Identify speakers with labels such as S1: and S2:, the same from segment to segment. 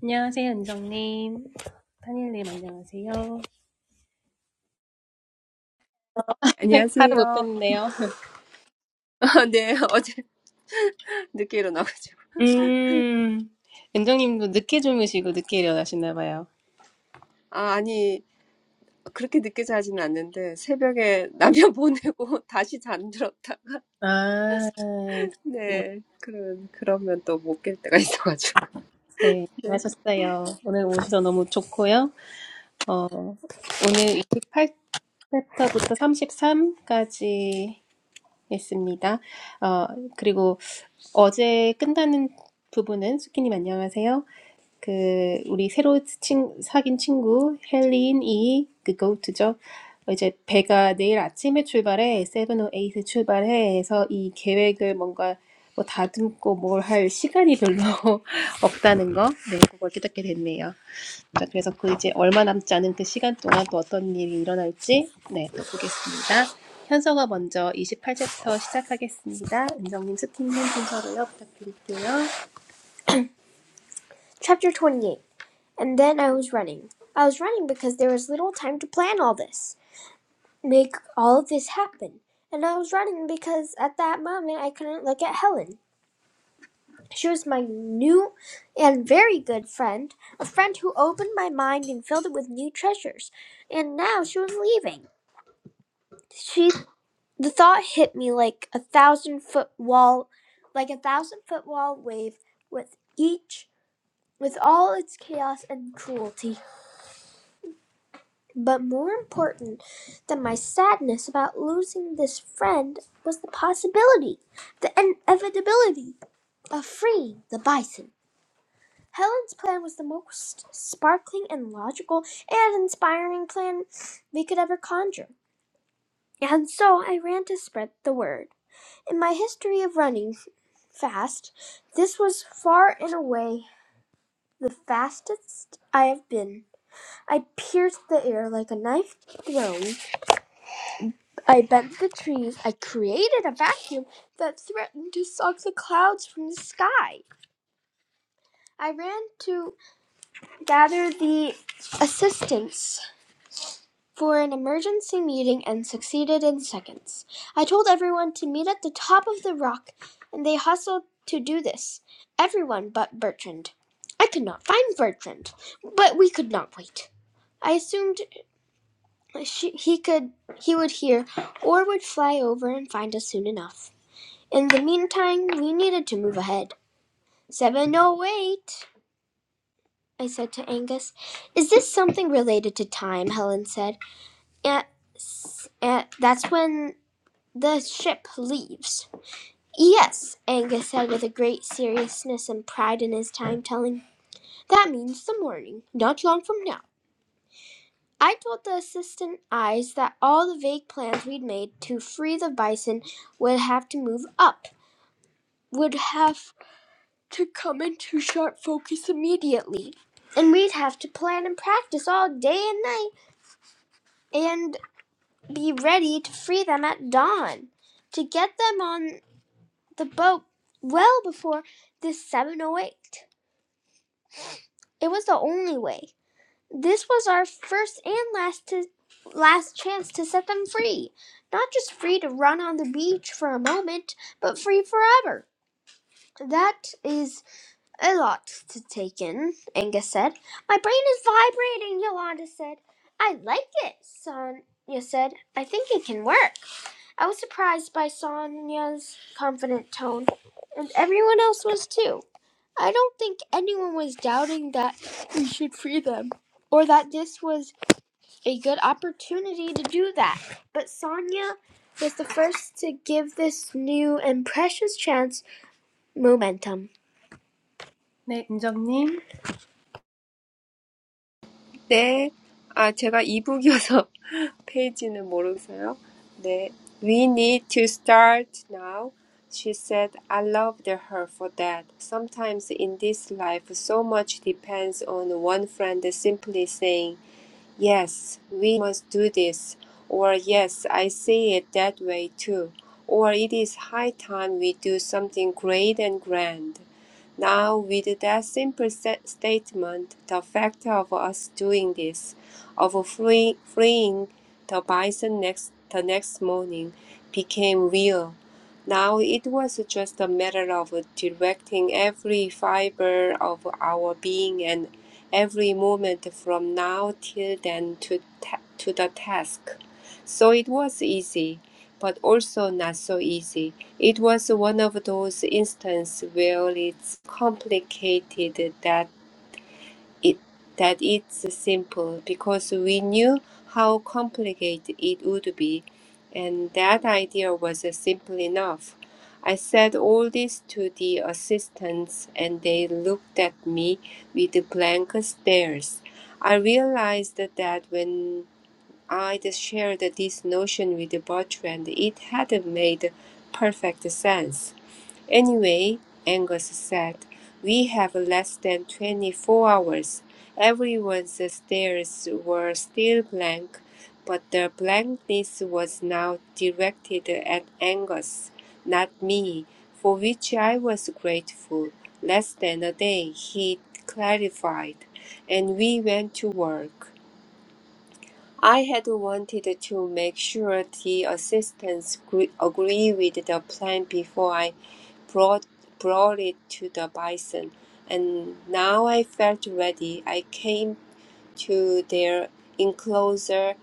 S1: 안녕하세요, 은정님. 탄일님, 안녕하세요. 하루 못
S2: 안녕하세요.
S1: 뵀네요.
S2: 아, 네, 어제 늦게 일어나가지고.
S1: 음, 은정님도 늦게 주무시고 늦게 일어나시나 봐요.
S2: 아, 아니, 그렇게 늦게 자지는 않는데, 새벽에 라면 보내고 다시 잠들었다.
S1: 아, 그렇구나.
S2: 네, 그런, 그러면 또 못 깰 때가 있어가지고.
S1: 네,
S2: 네.
S1: 하셨어요. 오늘 오셔서 너무 좋고요. 어, 오늘 28챕터부터 33까지 했습니다. 어, 그리고 어제 끝나는 부분은, 수키님 안녕하세요. 그 우리 새로 친, 사귄 친구 헬린이 그 고트죠. 이제 배가 내일 아침에 출발해 708 출발해 해서 이 계획을 뭔가 뭐 다듬고 뭘 할 시간이 별로 없다는 거, 네 그걸 깨닫게 됐네요. 자 그래서 그 이제 얼마 남지 않은 그 시간 동안 또 어떤 일이 일어날지 네또 보겠습니다. 현서가 먼저 28챕터 시작하겠습니다. 은정님, 스팀님 순서로요 부탁드릴게요. Chapter 28 And then I was running. I was running because there was little time to plan all this, make all of this happen. And I was running because at that moment I couldn't look at Helen. She was my new and very good friend, a friend who opened my mind and filled it with new treasures. And now she was leaving. She the thought hit me like a thousand foot wall, like a thousand foot wall wave with each with all its chaos and cruelty. But more important than my sadness about losing this friend was the possibility, the inevitability of freeing the bison. Helen's plan was the most sparkling and logical and inspiring plan we could ever conjure. And so I ran to spread the word. In my history of running fast, this was far and away the fastest I have been. I pierced the air like a knife thrown I bent the trees. I created a vacuum that threatened to suck the clouds from the sky. I ran to gather the assistants for an emergency meeting and succeeded in seconds. I told everyone to meet at the top of the rock, and they hustled to do this. Everyone but Bertrand. I could not find Bertrand, but we could not wait. I assumed she, he could he would hear or would fly over and find us soon enough. In the meantime, we needed to move ahead. 708, I said to Angus. Is this something related to time? Helen said. At, at, that's when the ship leaves. Yes, Angus said with a great seriousness and pride in his time telling. That means the morning, not long from now. I told the assistant eyes that all the vague plans we'd made to free the bison would have to move up, would have to come into sharp focus immediately. And we'd have to plan and practice all day and night and be ready to free them at dawn to get them on the boat well before this 708. It was the only way. This was our first and last to, last chance to set them free. Not just free to run on the beach for a moment, but free forever. That is A lot to take in, Angus said. My brain is vibrating, Yolanda said. I like it, Sonia said. I think it can work. I was surprised by Sonia's confident tone, and everyone else was too. I don't think anyone was doubting that we should free them, or that this was a good opportunity to do that. But Sonia was the first to give this new and precious chance momentum. 네, 은정님.
S2: 네. 아, 제가 이북이어서 페이지는 모르겠어요. 네. We need to start now. She said, I loved her for that. Sometimes in this life, so much depends on one friend simply saying, Yes, we must do this. Or, yes, I see it that way too. Or, it is high time we do something great and grand. Now, with that simple statement, the fact of us doing this, of free- freeing the bison next, the next morning, became real. Now it was just a matter of directing every fiber of our being and every moment from now till then to, ta- to the task. So it was easy but also not so easy. It was one of those instances where it's complicated that it that it's simple because we knew how complicated it would be, and that idea was simple enough. I said all this to the assistants, and they looked at me with blank stares. I realized that when I just shared this notion with Bertrand, and it had made perfect sense. Anyway, Angus said, we have less than 24 hours. Everyone's stares were still blank, but the blankness was now directed at Angus, not me, for which I was grateful. Less than a day, he clarified, and we went to work. I had wanted to make sure the assistants gre- agree with the plan before I brought, brought it to the bison, and now I felt ready. I came to their enclosure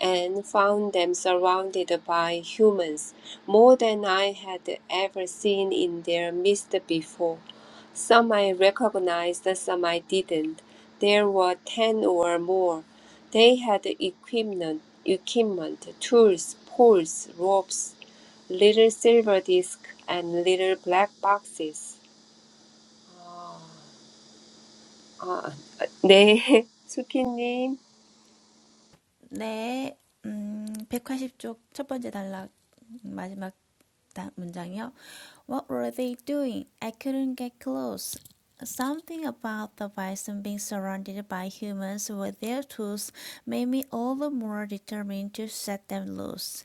S2: and found them surrounded by humans, more than I had ever seen in their midst before. Some I recognized, some I didn't. There were ten or more. They had equipment, equipment, tools, poles, ropes, little silver discs, and little black boxes. 아, 네, 수키님.
S3: 네, 음, 백팔십 쪽 첫 번째 단락 마지막 딱 문장이요. What were they doing? I couldn't get close. Something about the bison being surrounded by humans with their tools made me all the more determined to set them loose.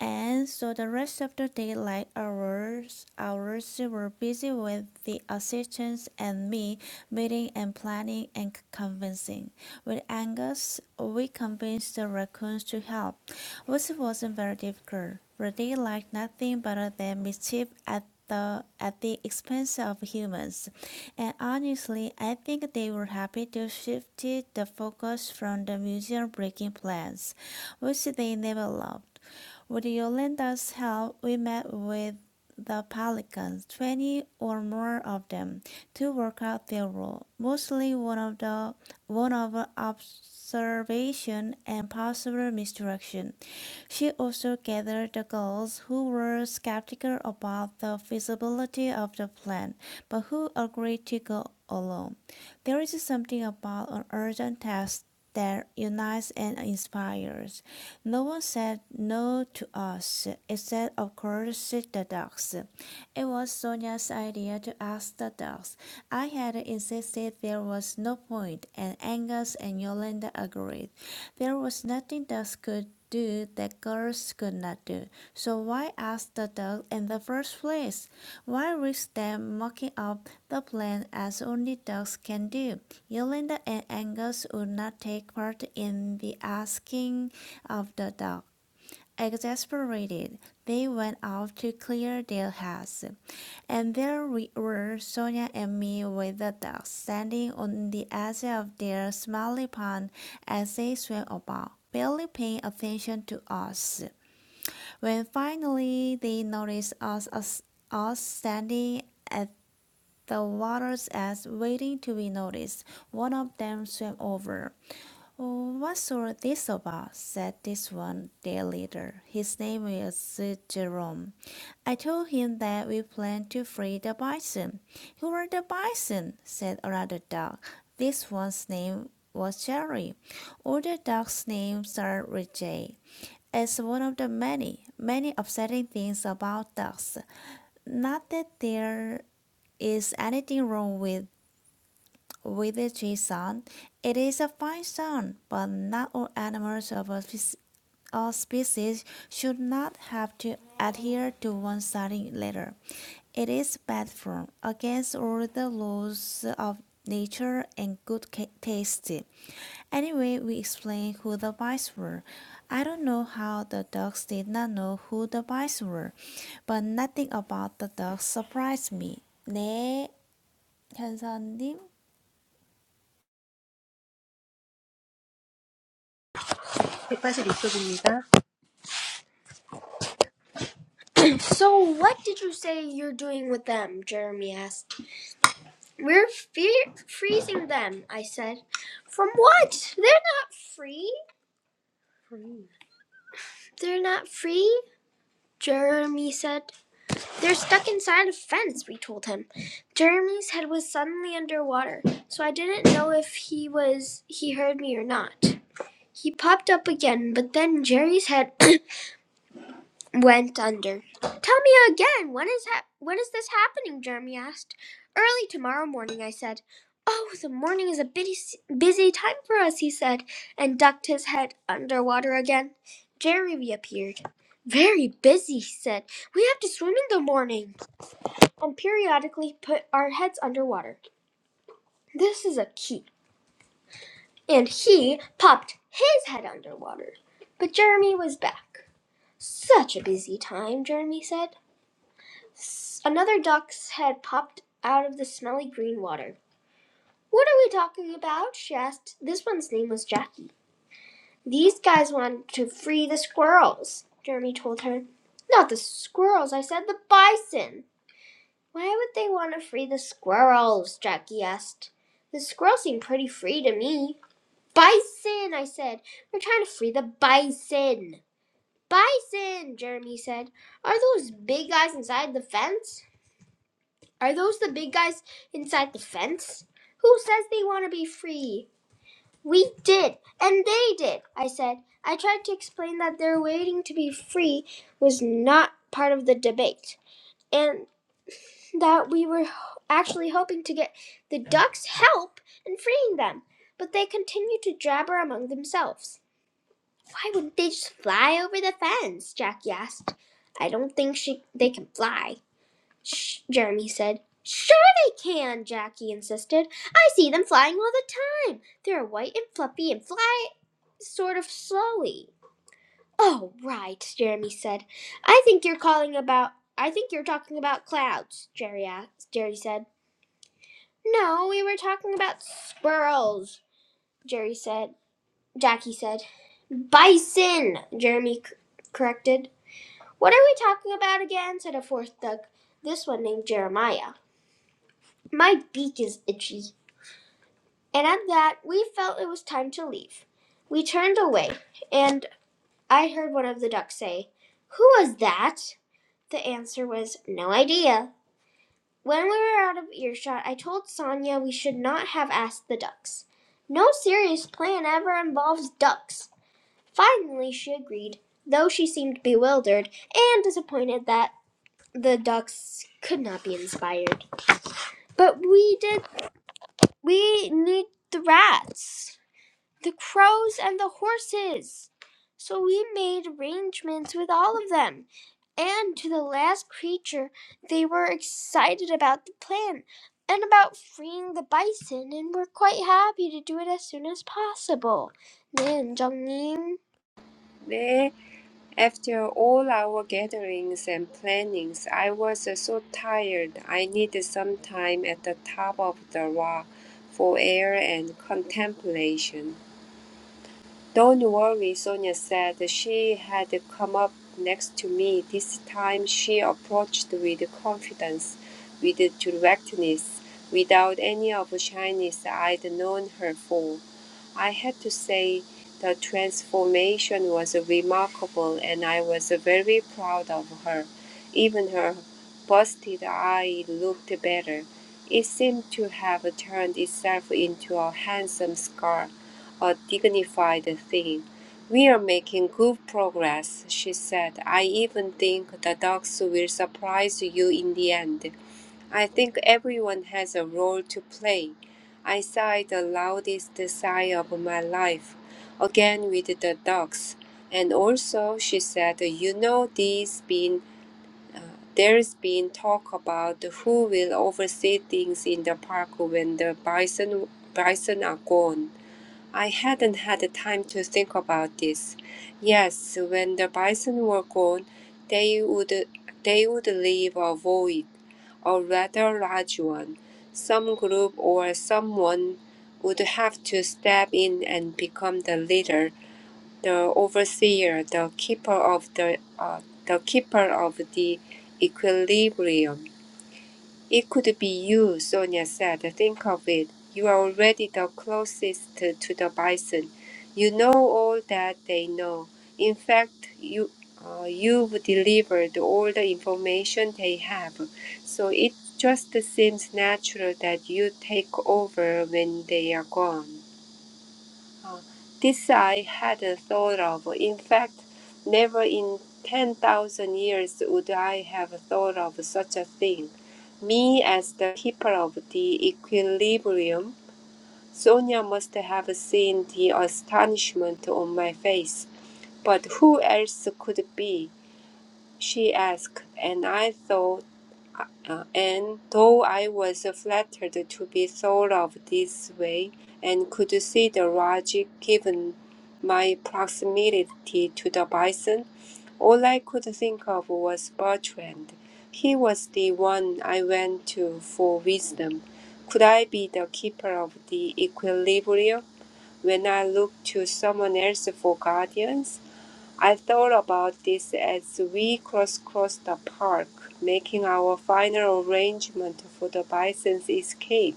S3: And so the rest of the daylight hours hours were busy with the assistants and me meeting and planning and convincing. With Angus, we convinced the raccoons to help which wasn't very difficult, for they liked nothing but their mischief at the at the expense of humans. And honestly, I think they were happy to shift the focus from the museum breaking plans, which they never loved. With Yolanda's help, we met with the pelicans, 20 or more of them, to work out their role. Mostly one of the one of observation and possible misdirection. She also gathered the Gauls who were skeptical about the feasibility of the plan, but who agreed to go alone. There is something about an urgent task that unites and inspires. No one said no to us, except, of course, the dogs. It was Sonia's idea to ask the dogs. I had insisted there was no point, and Angus and Yolanda agreed. There was nothing dogs could do that girls could not do. So why ask the dogs in the first place? Why risk them mocking up the plan as only dogs can do? Yolanda and Angus would not take part in the asking of the dog. Exasperated, they went off to clear their heads, and there we were Sonia and me with the ducks standing on the edge of their smelly pond as they swam about, barely paying attention to us. When finally they noticed us, us, us standing at the water's edge waiting to be noticed, one of them swam over Oh, what's all this about? said this one day later. His name was Jerome. I told him that we planned to free the bison. Who are the bison? said another dog. This one's name was Jerry. All the dogs' names are with J. It's one of the many, many upsetting things about dogs. Not that there is anything wrong with with the tree sun. It is a fine sun, but not all animals of a spec- a species should not have to adhere to one sunny letter. It is bad form against all the laws of nature and good ca- taste. Anyway, we explained who the mice were. I don't know how the dogs did not know who the mice were, but nothing about the dogs surprised me. 네, 현서님.
S1: 186쪽입니다. So, what did you say you're doing with them? Jeremy asked. We're fe- freezing them, I said. From what? They're not free. free. They're not free, Jeremy said. They're stuck inside a fence, we told him. Jeremy's head was suddenly underwater, so I didn't know if he was he heard me or not. He popped up again, but then Jerry's head went under. Tell me again, when is ha- when is this happening? Jeremy asked. Early tomorrow morning, I said. Oh, the morning is a busy busy time for us, he said, and ducked his head underwater again. Jeremy appeared. Very busy, he said. We have to swim in the morning and periodically put our heads underwater. This is a key. And he popped his head underwater. But Jeremy was back. Such a busy time, Jeremy said. Another duck's head popped out of the smelly green water. What are we talking about? she asked. This one's name was Jackie. These guys want to free the squirrels, Jeremy told her. Not the squirrels, I said the bison. Why would they want to free the squirrels? Jackie asked. The squirrels seem pretty free to me. Bison, I said. We're trying to free the bison. Bison, Jeremy said. Are those big guys inside the fence? Are those the big guys inside the fence? Who says they want to be free? We did, and they did, I said. I tried to explain that their waiting to be free was not part of the debate, and that we were actually hoping to get the ducks help in freeing them. But they continued to jabber among themselves. Why wouldn't they just fly over the fence? Jackie asked. I don't think she, they can fly, Shh, Jeremy said. Sure they can, Jackie insisted. I see them flying all the time. They're white and fluffy and fly sort of slowly. Oh, right, Jeremy said. I think you're calling about I think you're talking about clouds, Jerry asked, Jerry said. No, we were talking about squirrels, Jerry said. Jackie said. Bison, Jeremy c- corrected. What are we talking about again? said a fourth duck, this one named Jeremiah. My beak is itchy, And at that, we felt it was time to leave. We turned away, and I heard one of the ducks say, Who was that? The answer was, No idea. When we were out of earshot, I told Sonia we should not have asked the ducks. No serious plan ever involves ducks. Finally, she agreed, though she seemed bewildered and disappointed that the ducks could not be inspired. But we did, we need the rats. the crows and the horses. So we made arrangements with all of them. And to the last creature, they were excited about the plan and about freeing the bison and were quite happy to do it as soon as possible. 네, 은정님.
S2: 네. After all our gatherings and plannings, I was so tired. I needed some time at the top of the rock for air and contemplation. Don't worry, Sonia said. She had come up next to me. This time she approached with confidence, with directness, without any of the shyness I'd known her for. I had to say the transformation was remarkable and I was very proud of her. Even her busted eye looked better. It seemed to have turned itself into a handsome scar a dignified thing. We are making good progress, she said. I even think the dogs will surprise you in the end. I think everyone has a role to play. I sighed the loudest sigh of my life, again with the dogs. And also, she said, you know, there's been, uh, there's been talk about who will oversee things in the park when the bison, bison are gone. I hadn't had the time to think about this. Yes, when the bison were gone, they would they would leave a void, a rather large one. Some group or someone would have to step in and become the leader, the overseer, the keeper of the uh, the keeper of the equilibrium. It could be you, Sonia said. Think of it. You are already the closest to the bison. You know all that they know. In fact, you, uh, you've delivered all the information they have. So it just seems natural that you take over when they are gone. This I had a thought of. In fact, never in 10,000 years would I have thought of such a thing. Me as the keeper of the equilibrium, Sonia must have seen the astonishment on my face. But who else could it be? she asked, and I thought. Uh, and though I was flattered to be thought of this way, and could see the logic given my proximity to the bison, all I could think of was Bertrand. He was the one I went to for wisdom. Could I be the keeper of the equilibrium when I looked to someone else for guardians? I thought about this as we crisscrossed the park, making our final arrangement for the bison's escape.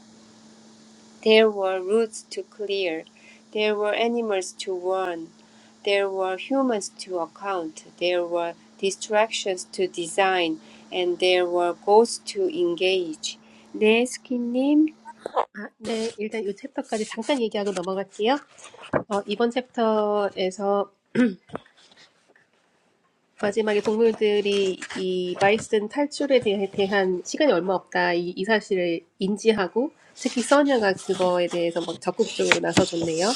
S2: There were routes to clear, there were animals to warn, there were humans to account, there were distractions to design, and there were goals to engage. 내 스키님
S1: 아, 네, 일단 이 챕터까지 잠깐 얘기하고 넘어갈게요. 어, 이번 챕터에서 마지막에 동물들이 이 바이슨 탈출에 대- 대한 시간이 얼마 없다 이, 이 사실을 인지하고 특히 써니가 그거에 대해서 막 적극적으로 나서줬네요.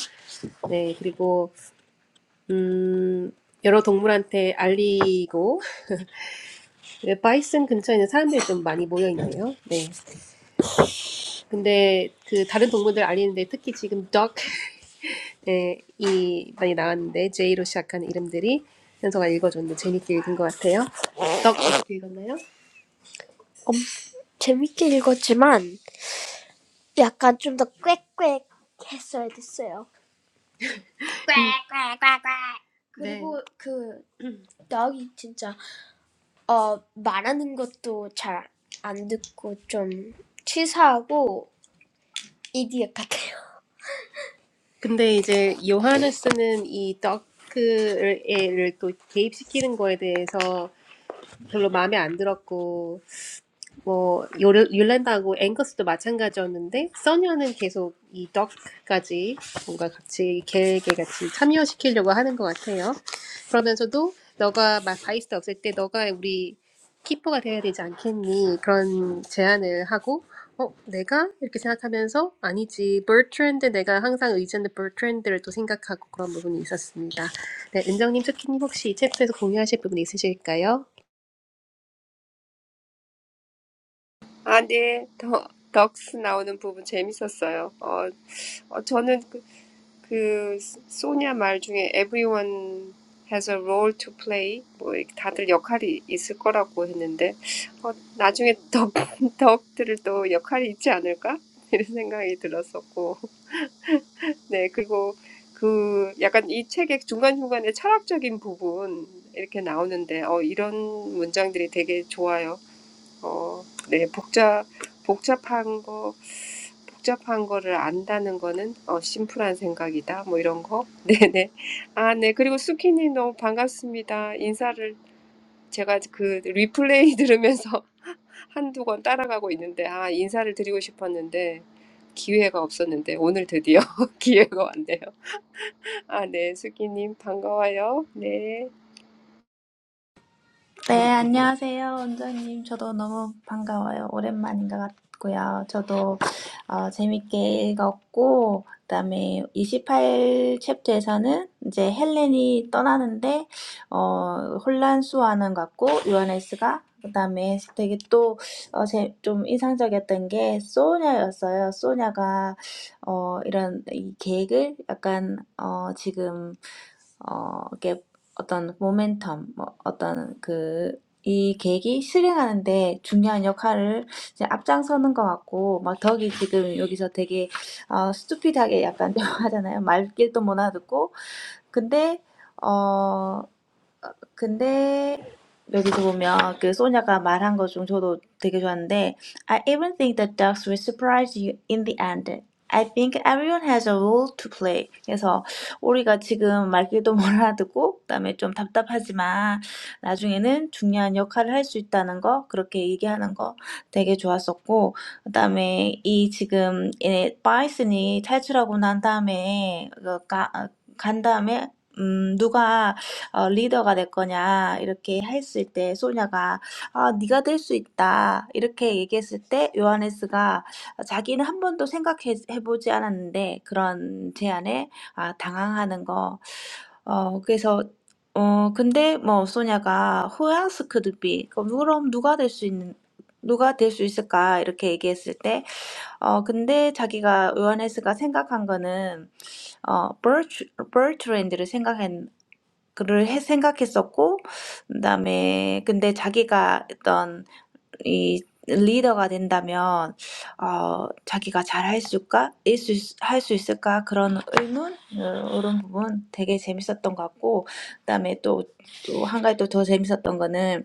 S1: 네 그리고 음 여러 동물한테 알리고 왜 바이슨 근처에 는 사람들이 좀 많이 모여 있네요. 네 근데 그 다른 동물들 알리는데 특히 지금 dog 네, 이 많이 나왔는데 J로 시작하는 이름들이 현서가 읽어줬는데 재밌게 읽은 것 같아요. dog 어떻게 읽었나요? 재밌게 읽었지만 약간 좀 더 꽥꽥 했어야 됐어요. 꽥꽥꽥꽥. 그리고 네. 그 나기 진짜 어 말하는 것도 잘 안 듣고 좀 치사하고 이디엇 같아요. 근데 이제 요하네스는 이 더크를 또 개입시키는 거에 대해서 별로 마음에 안 들었고 뭐 요르, 율란다하고 앵거스도 마찬가지였는데 써니와는 계속 이 덕까지 뭔가 같이 계획에 같이 참여시키려고 하는 것 같아요. 그러면서도 너가 막 바이스트 없을 때 너가 우리 키퍼가 돼야 되지 않겠니? 그런 제안을 하고 어 내가 이렇게 생각하면서 아니지 버트랜드 내가 항상 의지하는 버트랜드를 또 생각하고 그런 부분이 있었습니다. 네 은정님, 스키님 혹시 이 챕터에서 공유하실 부분 있으실까요?
S2: 아, 네. 더, 덕스 나오는 부분 재밌었어요. 어, 어 저는 그, 그 소냐 말 중에 everyone has a role to play 뭐 이렇게 다들 역할이 있을 거라고 했는데 어, 나중에 덕, 덕들을 또 역할이 있지 않을까? 이런 생각이 들었었고 네 그리고 그 약간 이 책의 중간중간에 철학적인 부분 이렇게 나오는데 어, 이런 문장들이 되게 좋아요. 뭐, 네, 복잡, 복잡한 거, 복잡한 거를 안다는 거는, 어, 심플한 생각이다. 뭐 이런 거. 네네. 아, 네. 그리고 수키님 너무 반갑습니다. 인사를 제가 그 리플레이 들으면서 한두 권 따라가고 있는데, 아, 인사를 드리고 싶었는데, 기회가 없었는데, 오늘 드디어 기회가 왔네요. 아, 네. 수키님 반가워요. 네.
S3: 네, 안녕하세요, 원장님. 저도 너무 반가워요. 오랜만인 것 같고요. 저도 어, 재밌게 읽었고, 그다음에 28 챕터에서는 이제 헬렌이 떠나는데 어, 혼란수하는 것 같고, 요하네스가 그다음에 되게 또 어, 제, 좀 인상적이었던 게 소냐였어요. 소냐가 어, 이런 이 계획을 약간 어, 지금 어, 이게 어떤 모멘텀, 뭐 어떤 그, 이 계획이 실행하는데 중요한 역할을 이제 앞장서는 것 같고, 막 덕이 지금 여기서 되게, 어, 스투피드하게 약간 대화하잖아요. 말귀도 못 알아듣고. 근데, but here we see that Sonja said something that I really liked. I even think that dogs will surprise you in the end. I think everyone has a role to play. So, we don't know what we're going to say. We're a little frustrated, but we're not giving up. We're going to be surprised. 어, 리더가 될 거냐 이렇게 했을 때 소냐가 아, 네가 될 수 있다 이렇게 얘기했을 때 요하네스가 자기는 한 번도 생각해 보지 않았는데 그런 제안에 아, 당황하는 거. 어, 그래서 어, 근데 뭐 소냐가 who 크 could be? 그럼 그럼 누가 될 수 있는 누가 될 수 있을까? 이렇게 얘기했을 때 어, 근데 자기가 요하네스가 생각한 거는 어, 버트, 버트랜드를 그를 해 생각했었고 그다음에 근데 자기가 어떤 이 리더가 된다면 어 자기가 잘할 수 있을까? 일수 할 수 있을까? 그런 의문 어, 이런 부분 되게 재밌었던 것 같고 그다음에 또또한 가지 또더 재밌었던 거는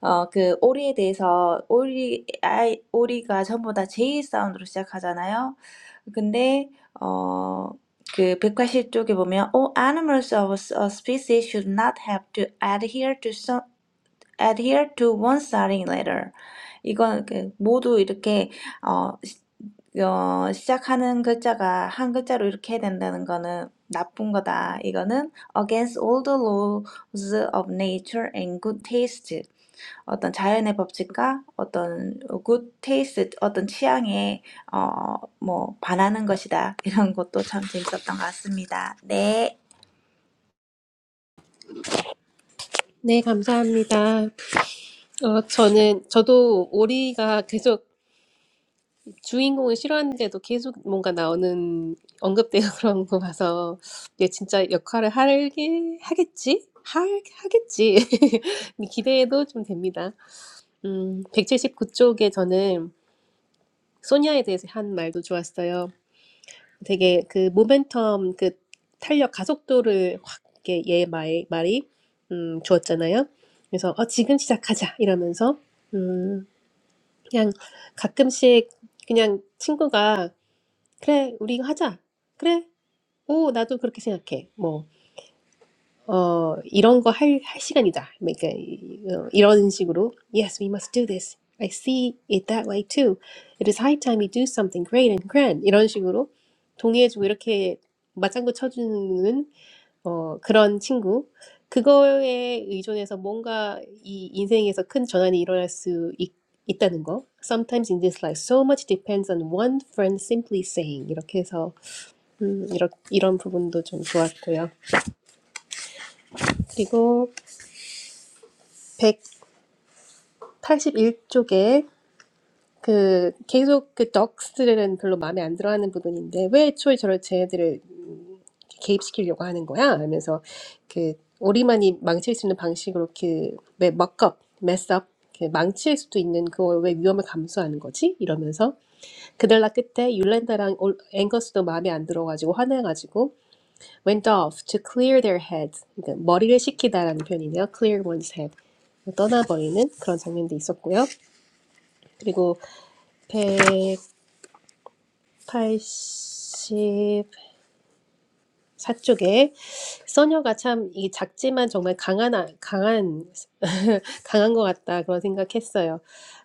S3: 어, 그 오리에 대해서 오리 아이 오리가 전부 다 제이 사운드로 시작하잖아요. 근데 어, 그 180쪽에 보면 all animals of a species should not have to adhere to some adhere to one starting letter. 이건 그 모두 이렇게 어, 시, 어 시작하는 글자가 한 글자로 이렇게 해야 된다는 거는 나쁜 거다. 이거는 against all the laws of nature and good taste. 어떤 자연의 법칙과 어떤 굿 테이스트, 어떤 취향에 어, 뭐 반하는 것이다. 이런 것도 참 재밌었던 것 같습니다. 네.
S1: 네 감사합니다. 어, 저는, 저도 오리가 계속 주인공을 싫어하는데도 계속 뭔가 나오는 언급되고 그런 거 봐서, 얘 진짜 역할을 하게, 하겠지? 할, 하겠지. 기대도 좀 됩니다. 음, 백칠십구 쪽에 저는 소니아에 대해서 한 말도 좋았어요. 되게 그 모멘텀, 그 탄력 가속도를 확, 이렇게 얘 말, 말이, 음, 주었잖아요. 그래서, 어, 지금 시작하자. 이러면서, 그냥 가끔씩 그냥 친구가 "그래, 우리 이거 하자. 그래. 오, 나도 그렇게 생각해." 뭐 어, 이런 거 할, 할 시간이다. 그러니까 이- 어, 이런 식으로 Yes, we must do this. I see it that way too. It is high time we do something great and grand. 이런 식으로 동의해주고 이렇게 맞장구 쳐주는 어, 그런 친구. 그거에 의존해서 뭔가 이 인생에서 큰 전환이 일어날 수 있, 있다는 거. Sometimes in this life, so much depends on one friend simply saying. 이렇게 해서 음, 이런, 이런 부분도 좀 좋았고요. 그리고 81쪽에 그 계속 그 덕스들은 별로 마음에 안 들어하는 부분인데 왜 애초에 저를 쟤네들을 음, 개입시키려고 하는 거야? 하면서 그 우리만이 망칠 수 있는 방식으로 그 그왜 먹겁, 메스업 망칠 수도 있는 그걸 왜 위험을 감수하는 거지? 이러면서 그날라 끝에 율렌다랑 올- 앵거스도 마음에 안 들어가지고 화내가지고 went off to clear their heads 그러니까 머리를 식히다라는 표현이네요. clear one's head 떠나버리는 그런 장면도 있었고요. 그리고 백팔십사 쪽에 써녀가 참 이 작지만 정말 강한 아- 강한 강한 것 같다 그런 생각했어요.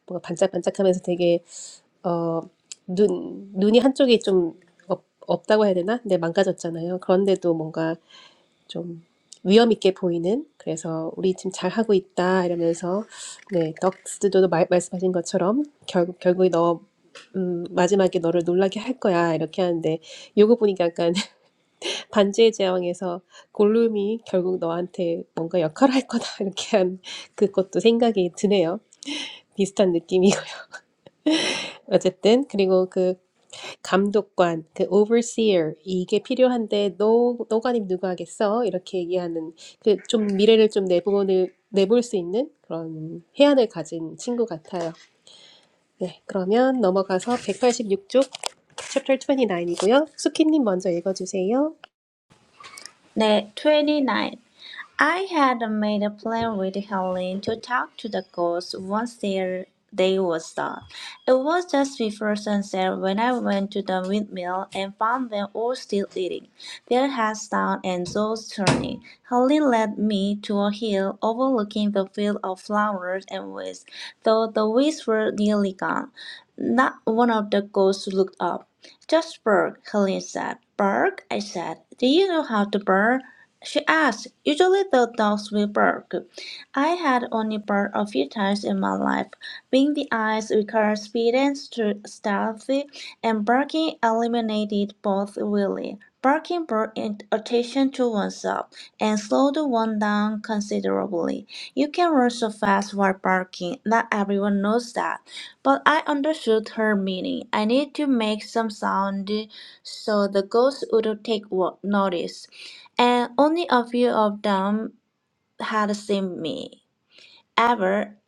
S1: 뭔가 반짝반짝하면서 되게 어눈 눈이 한쪽이 좀 없, 없다고 해야 되나? 근데 망가졌잖아요. 그런데도 뭔가 좀 위험 있게 보이는 그래서 우리 지금 잘 하고 있다 이러면서 네 덕스도 말, 말씀하신 것처럼 결국 결국에 너 음, 마지막에 너를 놀라게 할 거야 이렇게 하는데 요거 보니까 약간 반지의 제왕에서 골룸이 결국 너한테 뭔가 역할을 할 거다 이렇게 한 그것도 생각이 드네요 비슷한 느낌이고요 어쨌든 그리고 그 감독관, 그 overseer 이게 필요한데 너 너가님 누가 하겠어? 이렇게 얘기하는 그 좀 미래를 좀 내보는 내볼 수 있는 그런 해안을 가진 친구 같아요. 네, 그러면 넘어가서 186쪽 챕터 29이고요. 수키님 먼저 읽어주세요.
S3: Day 29. I had made a plan with Helen to talk to the ghosts once their day was done. It was just before sunset when I went to the windmill and found them all still eating, their heads down and jaws turning. Helen led me to a hill overlooking the field of flowers and weeds, though the weeds were nearly gone. Not one of the ghosts looked up. Just bark," Helene said. "Bark?" I said. Do you know how to bark?" She asked. Usually the dogs will bark. I had only barked a few times in my life. Being the eyes requires speeding to stealthy, and barking eliminated both really. Barking brought attention to oneself and slowed one down considerably. You can run so fast while barking, not everyone knows that. But I understood her meaning. I needed to make some sound so the ghosts would take wo- notice, and only a few of them had seen me ever,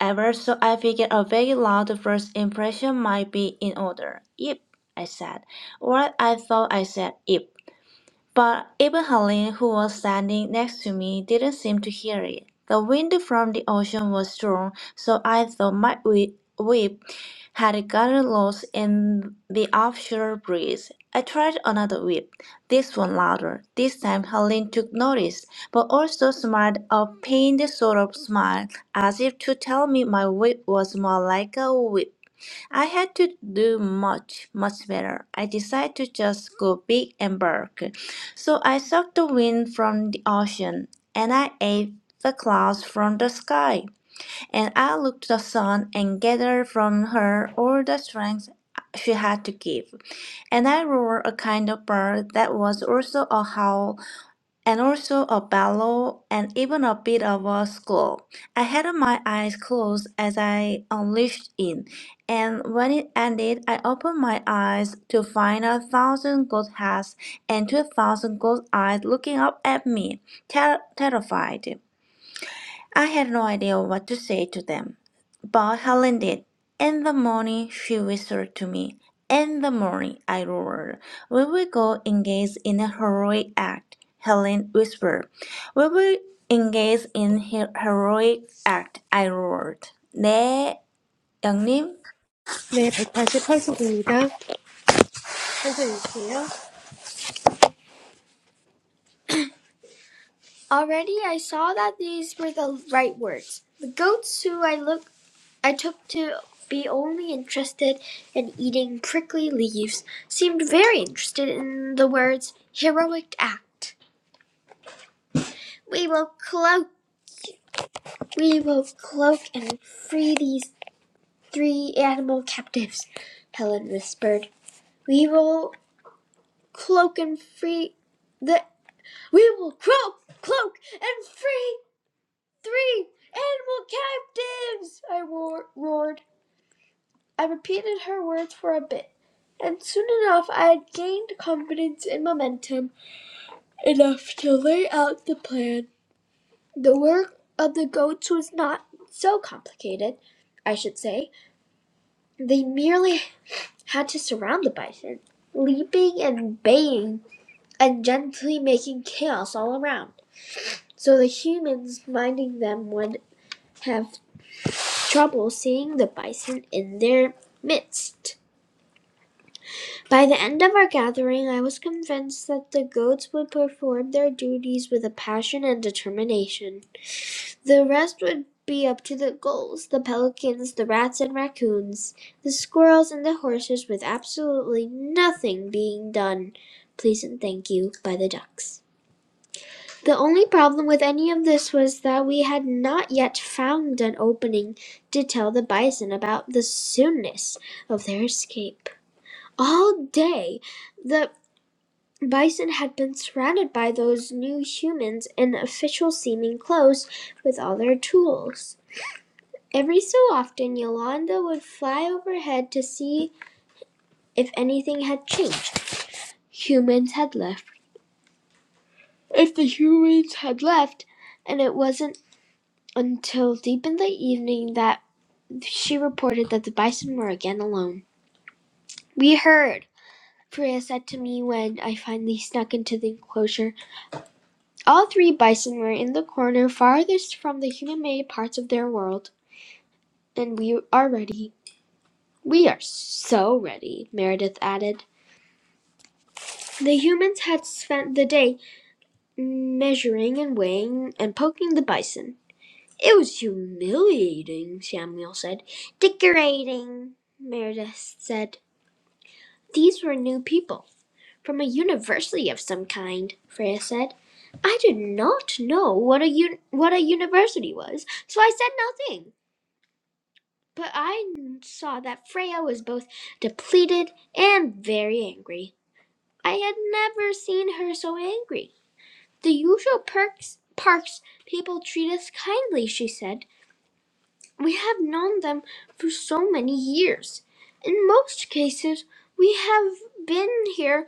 S3: ever. So I figured a very loud first impression might be in order. Yep, I said. What I thought I said. Yep. But Ibrahim, who was standing next to me, didn't seem to hear it. The wind from the ocean was strong, so I thought my whi- whip had gotten lost in the offshore breeze. I tried another whip, this one louder. This time Helene took notice, but also smiled a pained sort of smile, as if to tell me my whip was more like a whip. I had to do much, much better. I decided to just go big and bark. So I sucked the wind from the ocean, and I ate the clouds from the sky. And I looked the sun and gathered from her all the strength she had to give. And I roared a kind of bird that was also a howl and also a bellow and even a bit of a squall. I had my eyes closed as I unleashed it, and when it ended, I opened my eyes to find a thousand goat heads and two thousand goat eyes looking up at me, ter- terrified. I had no idea what to say to them, but Helen did. In the morning, she whispered to me. In the morning, I roared. We will go engage in a heroic act, Helen whispered. We will engage in a heroic act, I roared. 네, 영님.
S1: 네, 188쪽입니다. 먼저 읽으세요. Already I saw that these were the right words. The goats who I looked I took to be only interested in eating prickly leaves, seemed very interested in the words heroic act. We will cloak, we will cloak and free these three animal captives, Helen whispered. We will cloak and free the, we will cloak, cloak and free three animal captives, I roared. I repeated her words for a bit, and soon enough I had gained confidence and momentum enough to lay out the plan. The work of the goats was not so complicated, I should say. They merely had to surround the bison, leaping and baying and gently making chaos all around, so the humans minding them would have trouble seeing the bison in their midst. By the end of our gathering I was convinced that the goats would perform their duties with a passion and determination. The rest would be up to the gulls, the pelicans, the rats and raccoons, the squirrels and the horses, with absolutely nothing being done, please and thank you, by the ducks. The only problem with any of this was that we had not yet found an opening to tell the bison about the soonness of their escape. All day, the Bison had been surrounded by those new humans in official seeming clothes with all their tools. Every so often Yolanda would fly overhead to see if anything had changed. Humans had left. If the humans had left, and it wasn't until deep in the evening that she reported that the bison were again alone. We heard, Priya said to me when I finally snuck into the enclosure. All three bison were in the corner farthest from the human-made parts of their world, and we are ready. We are so ready, Meredith added. The humans had spent the day measuring and weighing and poking the bison. It was humiliating, Samuel said. Decorating, Meredith said. These were new people, from a university of some kind, Freya said. I did not know what a, un- what a university was, so I said nothing. But I saw that Freya was both depleted and very angry. I had never seen her so angry. The usual perks parks people treat us kindly, she said. We have known them for so many years. In most cases, we have been here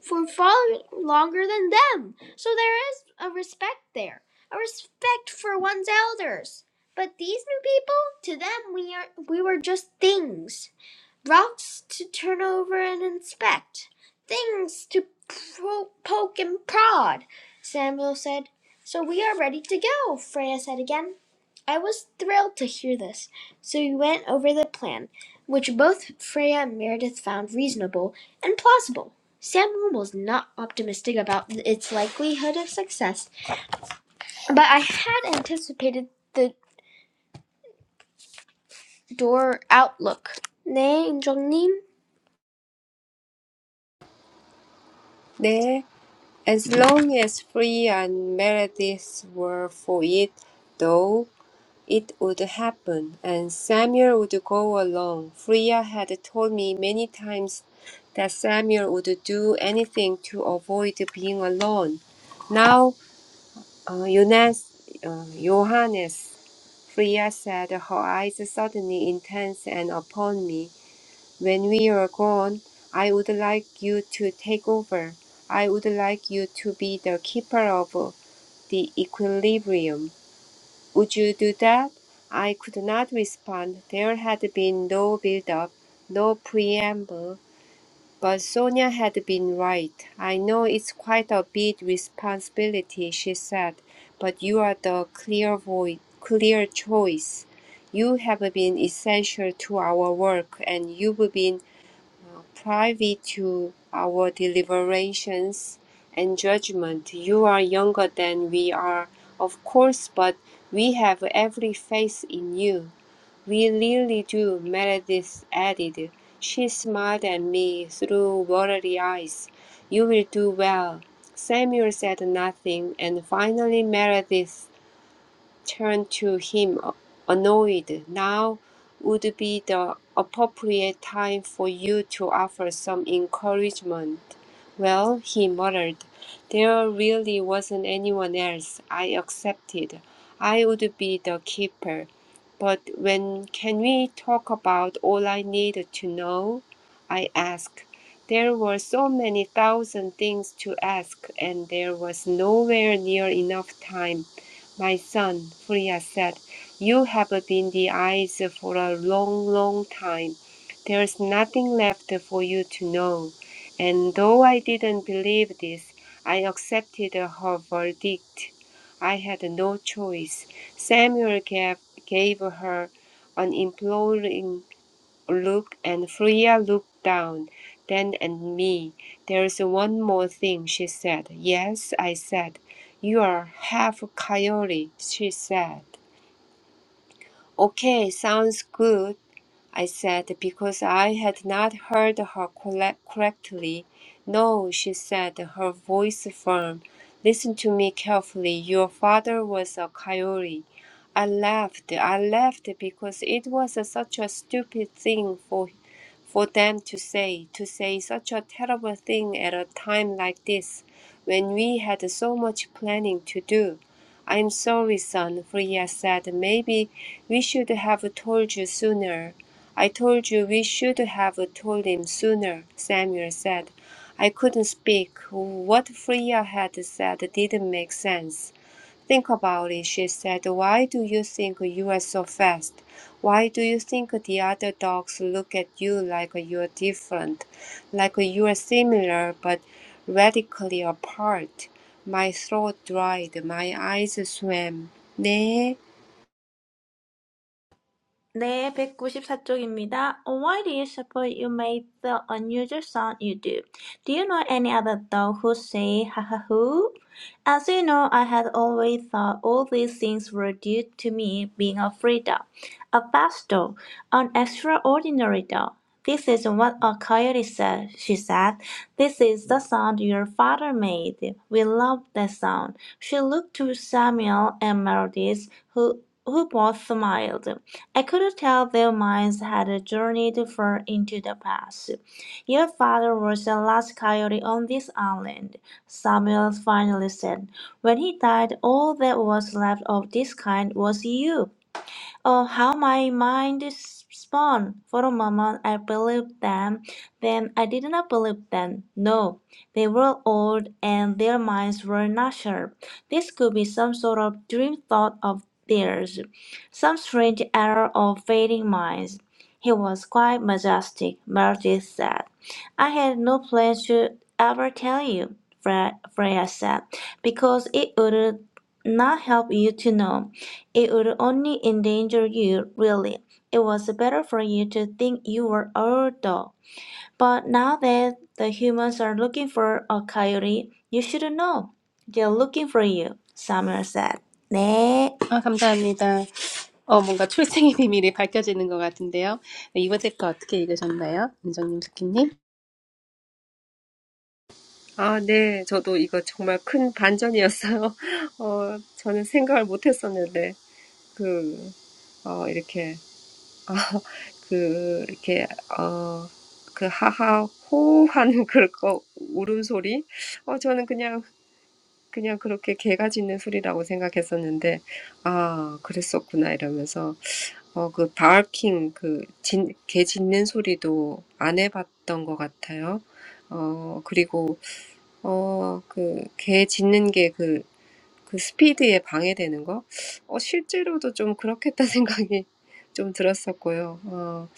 S1: for far longer than them, so there is a respect there, a respect for one's elders. But these new people, to them, we are we were just things. Rocks to turn over and inspect, things to pro- poke and prod, Samuel said. So we are ready to go, Freya said again. I was thrilled to hear this, so we went over the plan, which both Freya and Meredith found reasonable and plausible. Samuel was not optimistic about its likelihood of success, but I had anticipated the door outlook. 네, 인정님.
S2: 네. As long as Free and Meredith were for it, though, it would happen, and Samuel would go along. Freya had told me many times that Samuel would do anything to avoid being alone. Now, uh, Jonas, uh, Johannes, Freya said, her eyes suddenly intense and upon me. When we are gone, I would like you to take over. I would like you to be the keeper of the equilibrium. Would you do that? I could not respond. There had been no build-up, no preamble. But Sonia had been right. I know it's quite a big responsibility, she said, but you are the clear voice, clear choice. You have been essential to our work, and you've been privy to our deliberations and judgment. You are younger than we are, of course, but we have every faith in you. We really do, Meredith added. She smiled at me through watery eyes. You will do well. Samuel said nothing, and finally Meredith Turned to him annoyed. Now would be the appropriate time for you to offer some encouragement. Well, he muttered, there really wasn't anyone else. I accepted. I would be the keeper. But when can we talk about all I needed to know? I asked. There were so many thousand things to ask, and there was nowhere near enough time my son, Furia said, you have been the eyes for a long, long time. There is nothing left for you to know. And though I didn't believe this, I accepted her verdict. I had no choice. Samuel gave, gave her an imploring looked, and Freya looked down, then at me. There's one more thing, she said. Yes, I said. You are half a coyote, she said. Okay, sounds good. I said, because I had not heard her corre- correctly. No, she said, her voice firm. Listen to me carefully. Your father was a coyote. I laughed. I laughed because it was such a stupid thing for for them to say, to say such a terrible thing at a time like this, when we had so much planning to do. I'm sorry, son, Freya said. Maybe we should have told you sooner. I told you we should have told him sooner, Samuel said. I couldn't speak. What Freya had said didn't make sense. Think about it, she said. Why do you think you are so fast? Why do you think the other dogs look at you like you're different, like you are similar but radically apart? My throat dried, my eyes swam. 네,
S3: 네, 백구십사 쪽입니다. Why do you suppose you made the unusual sound you do? Do you know any other dog who say ha ha hoo? As you know, I had always thought all these things were due to me being a free dog, a fast dog, an extraordinary dog. This is what a coyote said, she said. This is the sound your father made. We love that sound. She looked to Samuel and Meredith, who, who both smiled. I could tell their minds had journeyed far into the past. Your father was the last coyote on this island, Samuel finally said. When he died, all that was left of this kind was you. Oh, how my mind is spun! For a moment I believed them, then I did not believe them. No, they were old and their minds were not sharp. This could be some sort of dream thought of theirs, some strange error of fading minds. He was quite majestic, Meredith said. I had no plan to ever tell you, Fre- Freya said, because it would not help you to know. It would only endanger you, really. It was better for you to think you were our dog. But now that the humans are looking for a coyote, you should know. They're looking for you, Summer said. 네,
S1: 아, 감사합니다. 어, 뭔가 출생의 비밀이 밝혀지는 것 같은데요. 네, 이번 책과 어떻게 읽으셨나요? 은정님, 스키님?
S2: 아 네. 저도 이거 정말 큰 반전이었어요. 어 저는 생각을 못 했었는데 그 어 이렇게 아 그 이렇게 어 그 하하 호호하는 그거 울음소리 어 저는 그냥 그냥 그렇게 개가 짖는 소리라고 생각했었는데 아 그랬었구나 이러면서 어, 그 바알킹 그 짖, 개 짖는 소리도 안 해봤던 것 같아요. 어, 그리고 어, 그, 개 짖는 게 그, 그 스피드에 방해되는 거? 어, 실제로도 좀 그렇겠다 생각이 좀 들었었고요. 어,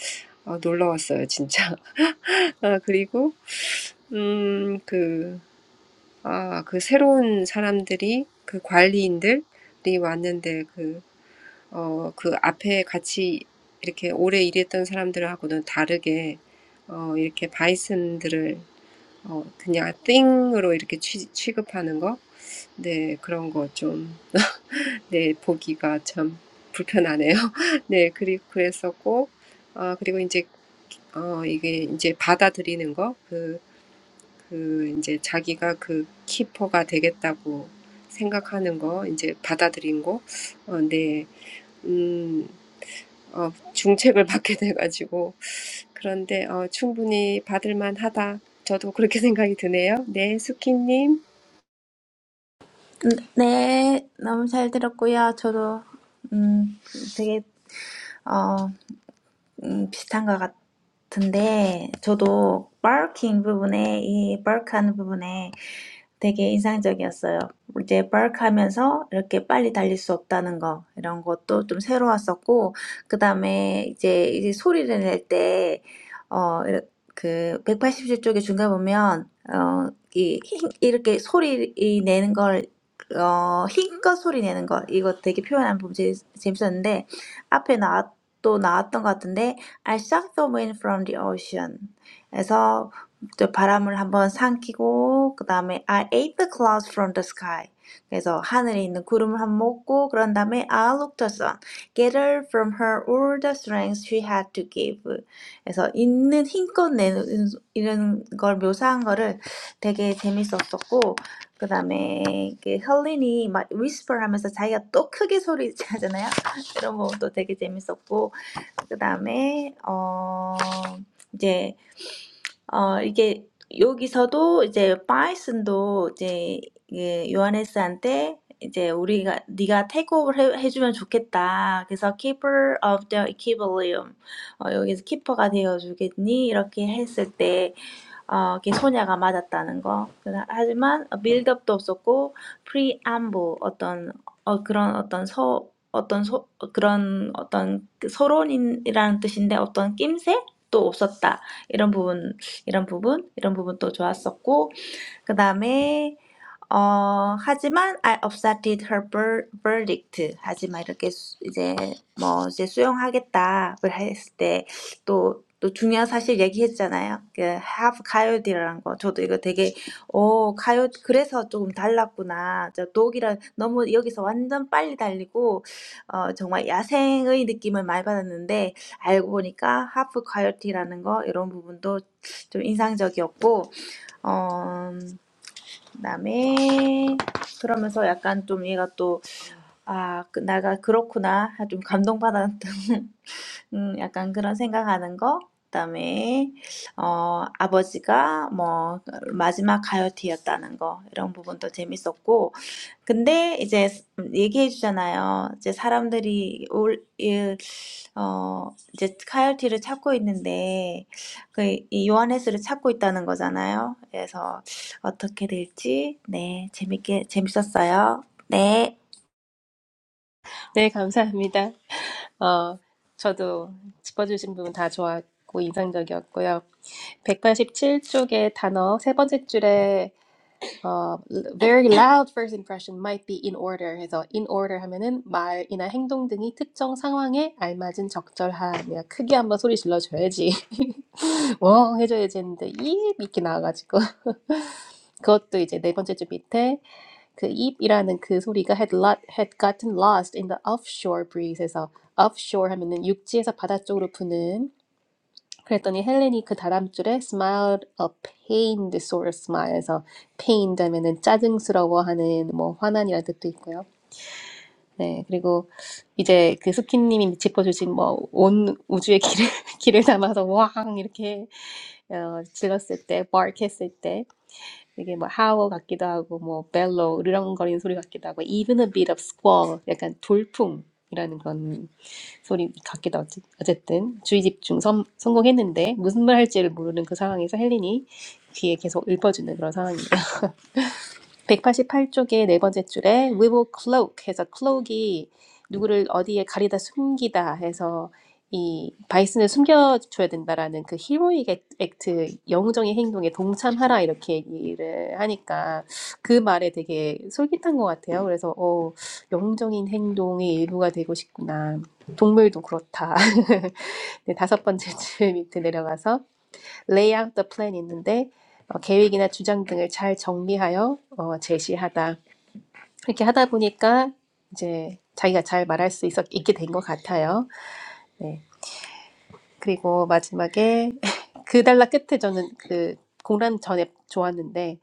S2: 어, 놀라웠어요, 진짜. 아, 그리고, 음, 그, 아, 그 새로운 사람들이, 그 관리인들이 왔는데, 그, 어, 그 앞에 같이 이렇게 오래 일했던 사람들하고는 다르게, 어, 이렇게 바이슨들을, 어, 그냥 띵으로 이렇게 취, 취급하는 거? 네, 그런 거 좀, 네, 보기가 참 불편하네요. 네, 그리고 그랬었고, 아, 그리고 이제, 어, 이게 이제 받아들이는 거, 그, 그, 이제 자기가 그 키퍼가 되겠다고 생각하는 거, 이제 받아들인 거, 어, 네, 음, 어, 중책을 받게 돼가지고, 그런데, 어, 충분히 받을 만하다. 저도 그렇게 생각이 드네요. 네, 수키님.
S3: 네, 너무 잘 들었고요. 저도 음 되게 어. 음, 비슷한 것 같은데, 저도 barking 부분에, 이 bark 하는 부분에 되게 인상적이었어요. 이제 bark 하면서 이렇게 빨리 달릴 수 없다는 거, 이런 것도 좀 새로웠었고, 그 다음에 이제, 이제 소리를 낼 때, 어, 이렇- 그, 180주 쪽에 중간 보면, 어, 이, 힝, 이렇게 소리 이 내는 걸, 어, 힘껏 소리 내는 거, 이거 되게 표현한 부분 재- 재밌었는데, 앞에 나왔 또 나왔던 것 같은데 I suck the wind from the ocean. 에서 저 바람을 한번 삼키고 그 다음에 I ate the clouds from the sky. 그래서 하늘에 있는 구름을 한번 먹고 그런 다음에 I looked at the sun, gather from her all the strength she had to give. 그래서 있는 힘껏 내는 이런 걸 묘사한 거를 되게 재밌었었고 그 다음에 헬린이 막 whisper 하면서 자기가 또 크게 소리 하잖아요. 이런 것도 되게 재밌었고 그다음에 어 이제 어, 이게 여기서도 이제 바이슨도 이제 이게 요하네스한테 이제 우리가 네가 테이크오버를 해, 해주면 좋겠다. 그래서 keeper of the equilibrium 어, 여기서 키퍼가 되어주겠니? 이렇게 했을 때 어, 이게 소냐가 맞았다는 거. 그다- 하지만 빌드업도 없었고 preamble 어떤 어, 그런 어떤 서 어떤 소, 그런 어떤 그 서론이라는 뜻인데 어떤 낌새 또 없었다. 이런 부분 이런 부분, 이런 부분 또 좋았었고, 그다음에 어 하지만 I accepted her ver- verdict. 하지만 이렇게 수- 이제 뭐 이제 수용하겠다를 했을 때또또 중요한 사실 얘기했잖아요. 그 have coyote라는 거. 저도 이거 되게 오 coyote 그래서 조금 달랐구나. 저 독이랑 너무 여기서 완전 빨리 달리고 어 정말 야생의 느낌을 많이 받았는데 알고 보니까 have coyote라는 거 이런 부분도 좀 인상적이었고 어. 그다음에 그러면서 약간 좀 얘가 또 '아 그 내가 그렇구나.' 좀 감동받았던 음 약간 그런 생각하는 거 그다음에 어 아버지가 뭐 마지막 가요티였다는 거 이런 부분도 재밌었고 근데 이제 음 얘기해 주잖아요. 이제 사람들이 올이어 이제 가요티를 찾고 있는데 그 이 요하네스를 찾고 있다는 거잖아요. 그래서 어떻게 될지 네 재밌게 재밌었어요. 네.
S1: 네, 감사합니다. 어, 저도 짚어주신 부분 다 좋았고, 인상적이었고요. 백팔십칠 쪽의 단어 세 번째 줄에 어, very loud first impression might be in order 해서 in order 하면은 말이나 행동 등이 특정 상황에 알맞은 적절함이야. 크게 한번 소리 질러줘야지. 웡 해줘야지 했는데 입 이렇게 나와가지고 그것도 이제 네 번째 줄 밑에 그 입이라는 그 소리가 had, lot, had gotten lost in the offshore breeze. 해서 offshore 하면은 육지에서 바다 쪽으로 부는 그랬더니 헬렌이 그 다음 줄에 smiled a pained sort of smile에서 pained 하면은 짜증스러워하는 뭐 화난이라는 뜻도 있고요. 네, 그리고 이제 그 스키님이 짚어주신 뭐 온 우주의 길을 길을 담아서 왕 이렇게 어, 질렀을 때 bark 했을 때 이게 뭐 하워 같기도 하고 뭐 벨로 으르렁거리는 소리 같기도 하고 even a bit of squall 약간 돌풍이라는 건 소리 같기도 하지. 어쨌든 주의 집중 성, 성공했는데 무슨 말 할지를 모르는 그 상황에서 헬린이 귀에 계속 읊어주는 그런 상황이에요. 188쪽의 네 번째 줄에 we will cloak 해서 cloak이 누구를 어디에 가리다 숨기다 해서 이 바이슨을 숨겨줘야 된다라는 그 히로익 액트 영웅적인 행동에 동참하라 이렇게 얘기를 하니까 그 말에 되게 솔깃한 것 같아요. 그래서 어 영웅적인 행동의 일부가 되고 싶구나. 동물도 그렇다. 네, 다섯 번째 줄 밑에 내려가서 Lay out the plan, 있는데 어, 계획이나 주장 등을 잘 정리하여 어, 제시하다. 이렇게 하다 보니까 이제 자기가 잘 말할 수 있었, 있게 된 것 같아요. 네. 그리고 마지막에 그 달라 끝에 저는 그 공란 전에 좋았는데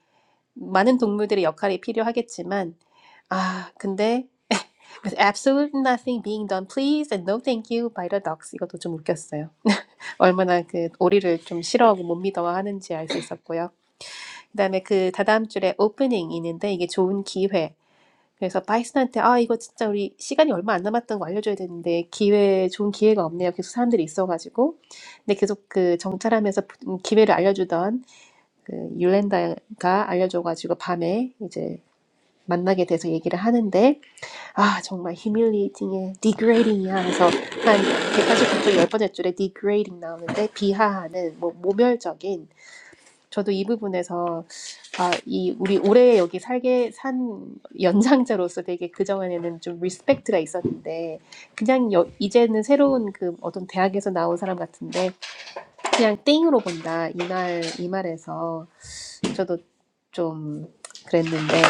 S1: 많은 동물들의 역할이 필요하겠지만 아 근데 with absolute nothing being done please and no thank you by the dogs 이것도 좀 웃겼어요. 얼마나 그 오리를 좀 싫어하고 못 믿어 하는지 알 수 있었고요. 그다음에 그 다다음 줄에 오프닝이 있는데 이게 좋은 기회. 그래서 바이슨한테 아 이거 진짜 우리 시간이 얼마 안 남았던 거 알려줘야 되는데 기회 좋은 기회가 없네요. 계속 사람들이 있어가지고 근데 계속 그 정찰하면서 기회를 알려주던 그 율렌다가 알려줘가지고 밤에 이제 만나게 돼서 얘기를 하는데 아 정말 humiliating에 degrading이야 해서 한 189쪽 열 번째 줄에 degrading 나오는데 비하하는 뭐 모멸적인 저도 이 부분에서 아, 이 우리 오래 여기 살게 산 연장자로서 되게 그전에는 좀 리스펙트가 있었는데 그냥 여, 이제는 새로운 그 어떤 대학에서 나온 사람 같은데 그냥 땡으로 본다 이말 이 말에서 저도 좀 그랬는데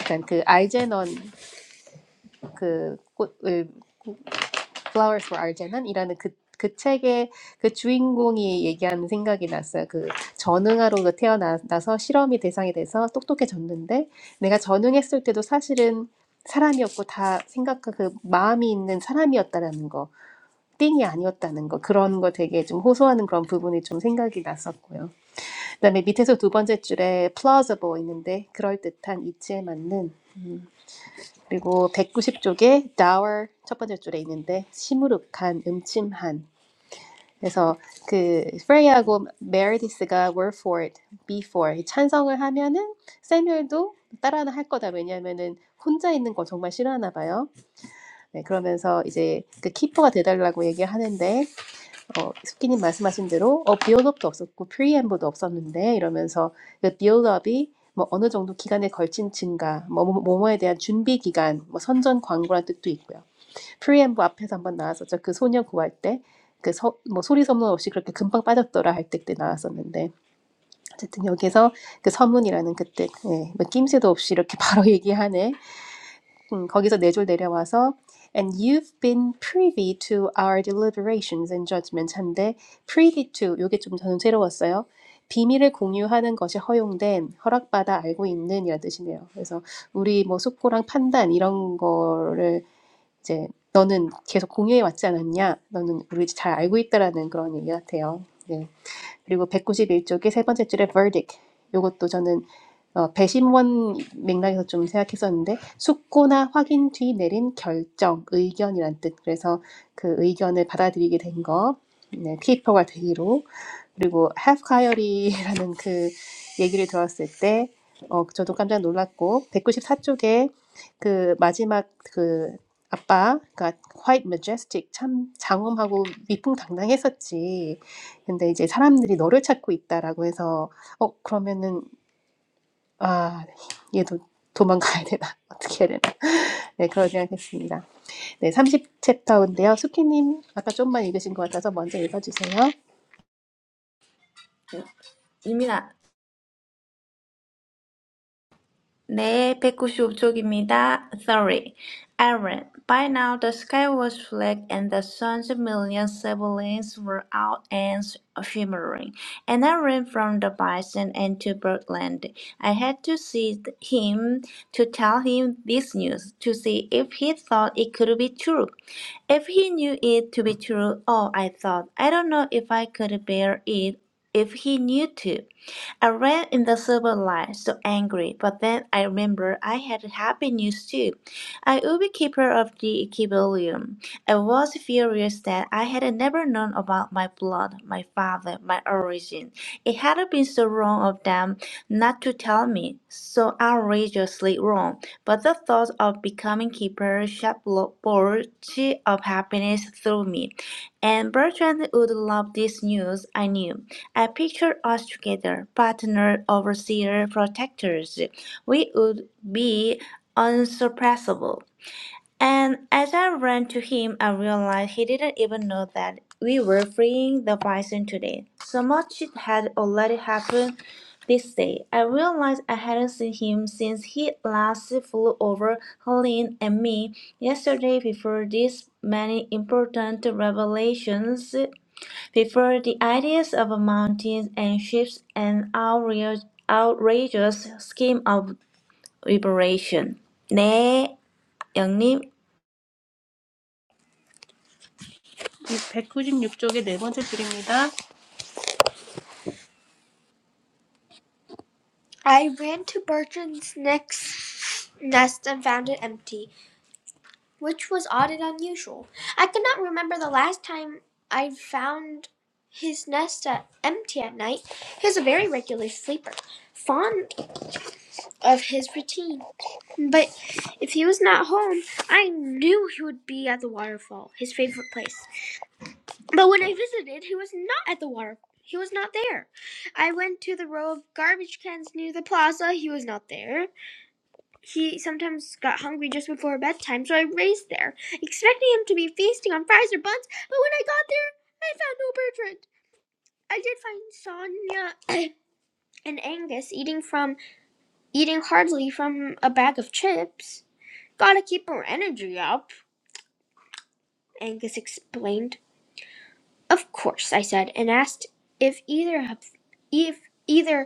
S1: 약간 그 알제넌 그 꽃을 Flowers for Arden은이라는 그, 그 책의 그 주인공이 얘기하는 생각이 났어요. 그 전응아로 태어나서 실험이 대상이 돼서 똑똑해졌는데 내가 전응했을 때도 사실은 사람이었고 다 생각과 그 마음이 있는 사람이었다라는 거. 띵이 아니었다는 거 그런 거 되게 좀 호소하는 그런 부분이 좀 생각이 났었고요. 그다음에 밑에서 두 번째 줄에 plausible 있는데 그럴듯한 듯한 이치에 맞는 음, 그리고 백구십 쪽에 dour 첫 번째 줄에 있는데 시무룩한 음침한 그래서 그 프레이하고 메르디스가 were for it, be for 이 찬성을 하면은 세뮤엘도 따라는 할 거다 왜냐면은 혼자 있는 거 정말 싫어하나 봐요. 네, 그러면서 이제 그 키퍼가 돼달라고 얘기하는데 어, 스키님 말씀하신 대로 어, 빌드업도 없었고 프리엠브도 없었는데 이러면서 그 빌드업이 뭐 어느 정도 기간에 걸친 증가, 뭐 뭐- 뭐뭐에 대한 준비 기간, 뭐 선전 광고란 뜻도 있고요. 프리엠브 앞에서 한번 나왔었죠. 그 소녀 구할 때. 그 서, 뭐 소리 소문 없이 그렇게 금방 빠졌더라 할 때 그때 나왔었는데 어쨌든 여기서 그 서문이라는 그때 예, 뭐 낌새도 없이 이렇게 바로 얘기하네 음, 거기서 네 줄 내려와서 And you've been privy to our deliberations, and George mentioned that privy to. This is a new word. Privy to means you've been allowed to know something. So, we're discussing and making decisions. You've been privy to our deliberations. 그리고 191쪽이 세 번째 줄에 verdict. 요것도 저는 어, 배심원 맥락에서 좀 생각했었는데 숙고나 확인 뒤 내린 결정, 의견이란 뜻. 그래서 그 의견을 받아들이게 된 거. 네, 피퍼와 대의로. 그리고 have hire이라는 그 얘기를 들었을 때 어, 저도 깜짝 놀랐고 백구십사 쪽에 그 마지막 그 아빠가 white majestic 참 장엄하고 위풍당당했었지. 근데 이제 사람들이 너를 찾고 있다라고 해서 어 그러면은 아 얘도 도망가야 되나 어떻게 해야 되나 네 그런 생각했습니다 네 삼십 챕터인데요 수키님 아까 좀만 읽으신 것 같아서 먼저 읽어주세요
S3: 유민아 네, 196쪽입니다. Sorry, Aaron. By now the sky was black and the sun's million siblings were out and shimmering. And I ran from the bison and to Birdland. I had to see him to tell him this news, to see if he thought it could be true. If he knew it to be true, oh, I thought, I don't know if I could bear it if he knew to. I ran in the silver light, so angry, but then I remembered I had happy news too. I would be keeper of the Equilibrium. I was furious that I had never known about my blood, my father, my origin. It had been so wrong of them not to tell me, so outrageously wrong. But the thought of becoming keeper shot bolts of happiness through me, and Bertrand would love this news, I knew. I picture us together, partner, overseer, protectors. We would be unsurpassable. And as I ran to him, I realized he didn't even know that we were freeing the bison today. So much had already happened this day. I realized I hadn't seen him since he last flew over Helene and me yesterday before these many important revelations prefer the ideas of mountains and ships and outrage- outrageous scheme of liberation. 네, 영님.
S1: 백구십육 쪽의 네 번째 줄입니다 I ran to Bertrand's next nest and found it empty. which was odd and unusual. I could not remember the last time I found his nest at, empty at night. He was a very regular sleeper, fond of his routine. But if he was not home, I knew he would be at the waterfall, his favorite place. But when I visited, he was not at the waterfall. He was not there. I went to the row of garbage cans near the plaza. He was not there. He sometimes got hungry just before bedtime, so I raced there, expecting him to be feasting on fries or buns, but when I got there, I found no Bertrand. I did find Sonia and Angus eating from eating heartily from a bag of chips. Gotta keep her energy up, Angus explained. Of course, I said, and asked if either of if either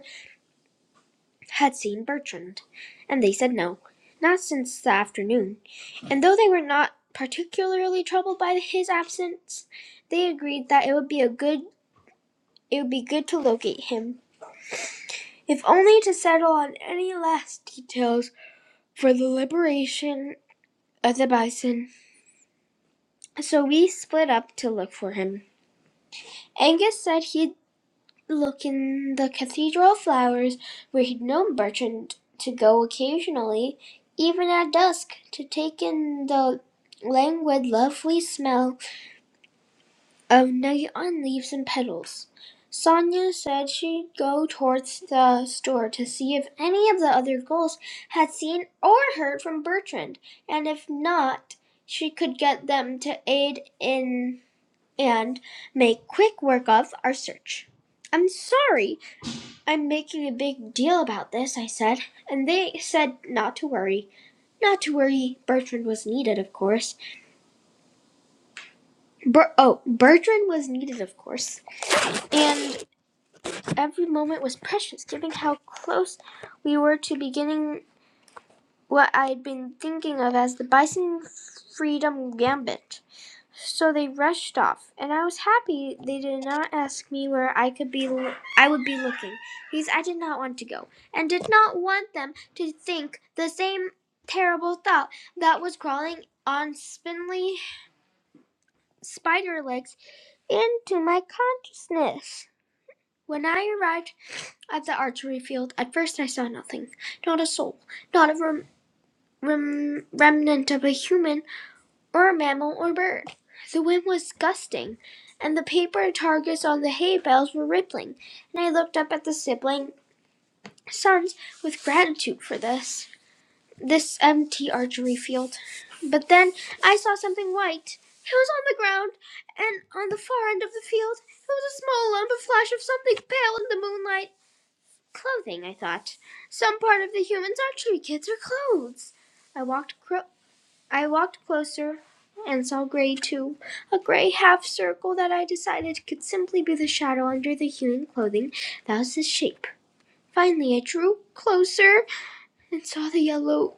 S1: had seen Bertrand, and they said no, not since the afternoon; and though they were not particularly troubled by his absence, they agreed that it would be a good it would be good to locate him, if only to settle on any last details for the liberation of the bison. So we split up to look for him. Angus said he'd look in the Cathedral of Flowers, where he'd known Bertrand to go occasionally, even at dusk, to take in the languid, lovely smell of neon leaves and petals. Sonia said she'd go towards the store to see if any of the other girls had seen or heard from Bertrand, and if not, she could get them to aid in and make quick work of our search. I'm sorry. "I'm making a big deal about this," I said, "and they said not to worry. Not to worry. Bertrand was needed, of course, Ber—oh, Bertrand was needed, of course, and every moment was precious, given how close we were to beginning what I'd been thinking of as the Bison Freedom Gambit. So they rushed off, and I was happy they did not ask me where I could be Lo- I would be looking, because I did not want to go, and did not want them to think the same terrible thought that was crawling on spindly spider legs into my consciousness. When I arrived at the archery field, at first I saw nothing, not a soul, not a rem- rem- remnant of a human or a mammal or bird. The wind was gusting, and the paper targets on the hay bales were rippling, and I looked up at the sibling sons with gratitude for this this empty archery field. But then I saw something white. It was on the ground, and on the far end of the field it was a small lump of flesh of something pale in the moonlight. Clothing, I thought. Some part of the human's archery kits or clothes. I walked cro- I walked closer and saw gray too, a gray half circle that I decided could simply be the shadow under the human clothing that was his shape. Finally, I drew closer and saw the yellow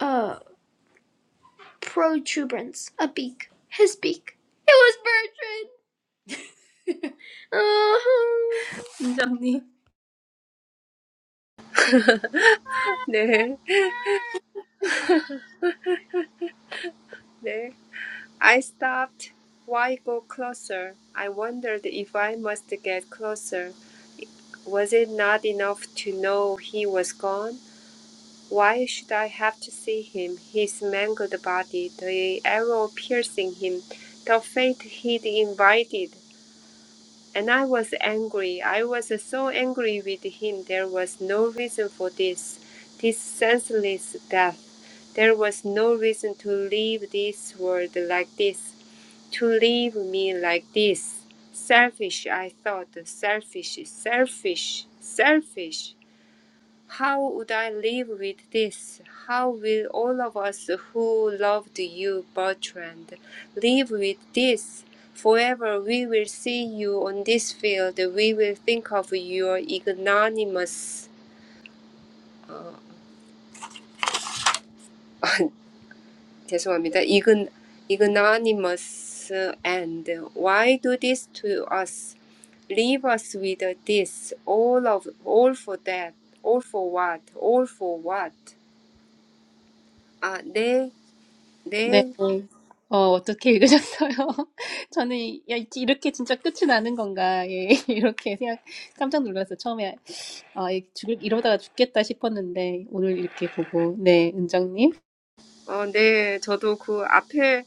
S1: uh protuberance, a beak, his beak. It was Bertrand. Uh-huh. Johnny.
S2: 네, 네. I stopped. Why go closer? I wondered if I must get closer. Was it not enough to know he was gone? Why should I have to see him, his mangled body, the arrow piercing him, the fate he'd invited? And I was angry. I was so angry with him. There was no reason for this, this senseless death. There was no reason to leave this world like this, to leave me like this. Selfish, I thought. Selfish, selfish, selfish. How would I live with this? How will all of us who loved you, Bertrand, live with this? Forever we will see you on this field. We will think of your ignominious, uh, 죄송합니다. Ign- ignominious end. Why do this to us? Leave us with this. All of all for that. All for what? All for what? 아, 내,
S1: 네.
S2: 내
S1: 어, 어떻게 읽으셨어요? 저는, 야, 이- 이렇게 진짜 끝이 나는 건가, 예, 이렇게 생각, 깜짝 놀랐어요. 처음에, 아, 이- 죽을, 이러다가 죽겠다 싶었는데, 오늘 이렇게 보고, 네, 은정님.
S2: 어, 네. 저도 그 앞에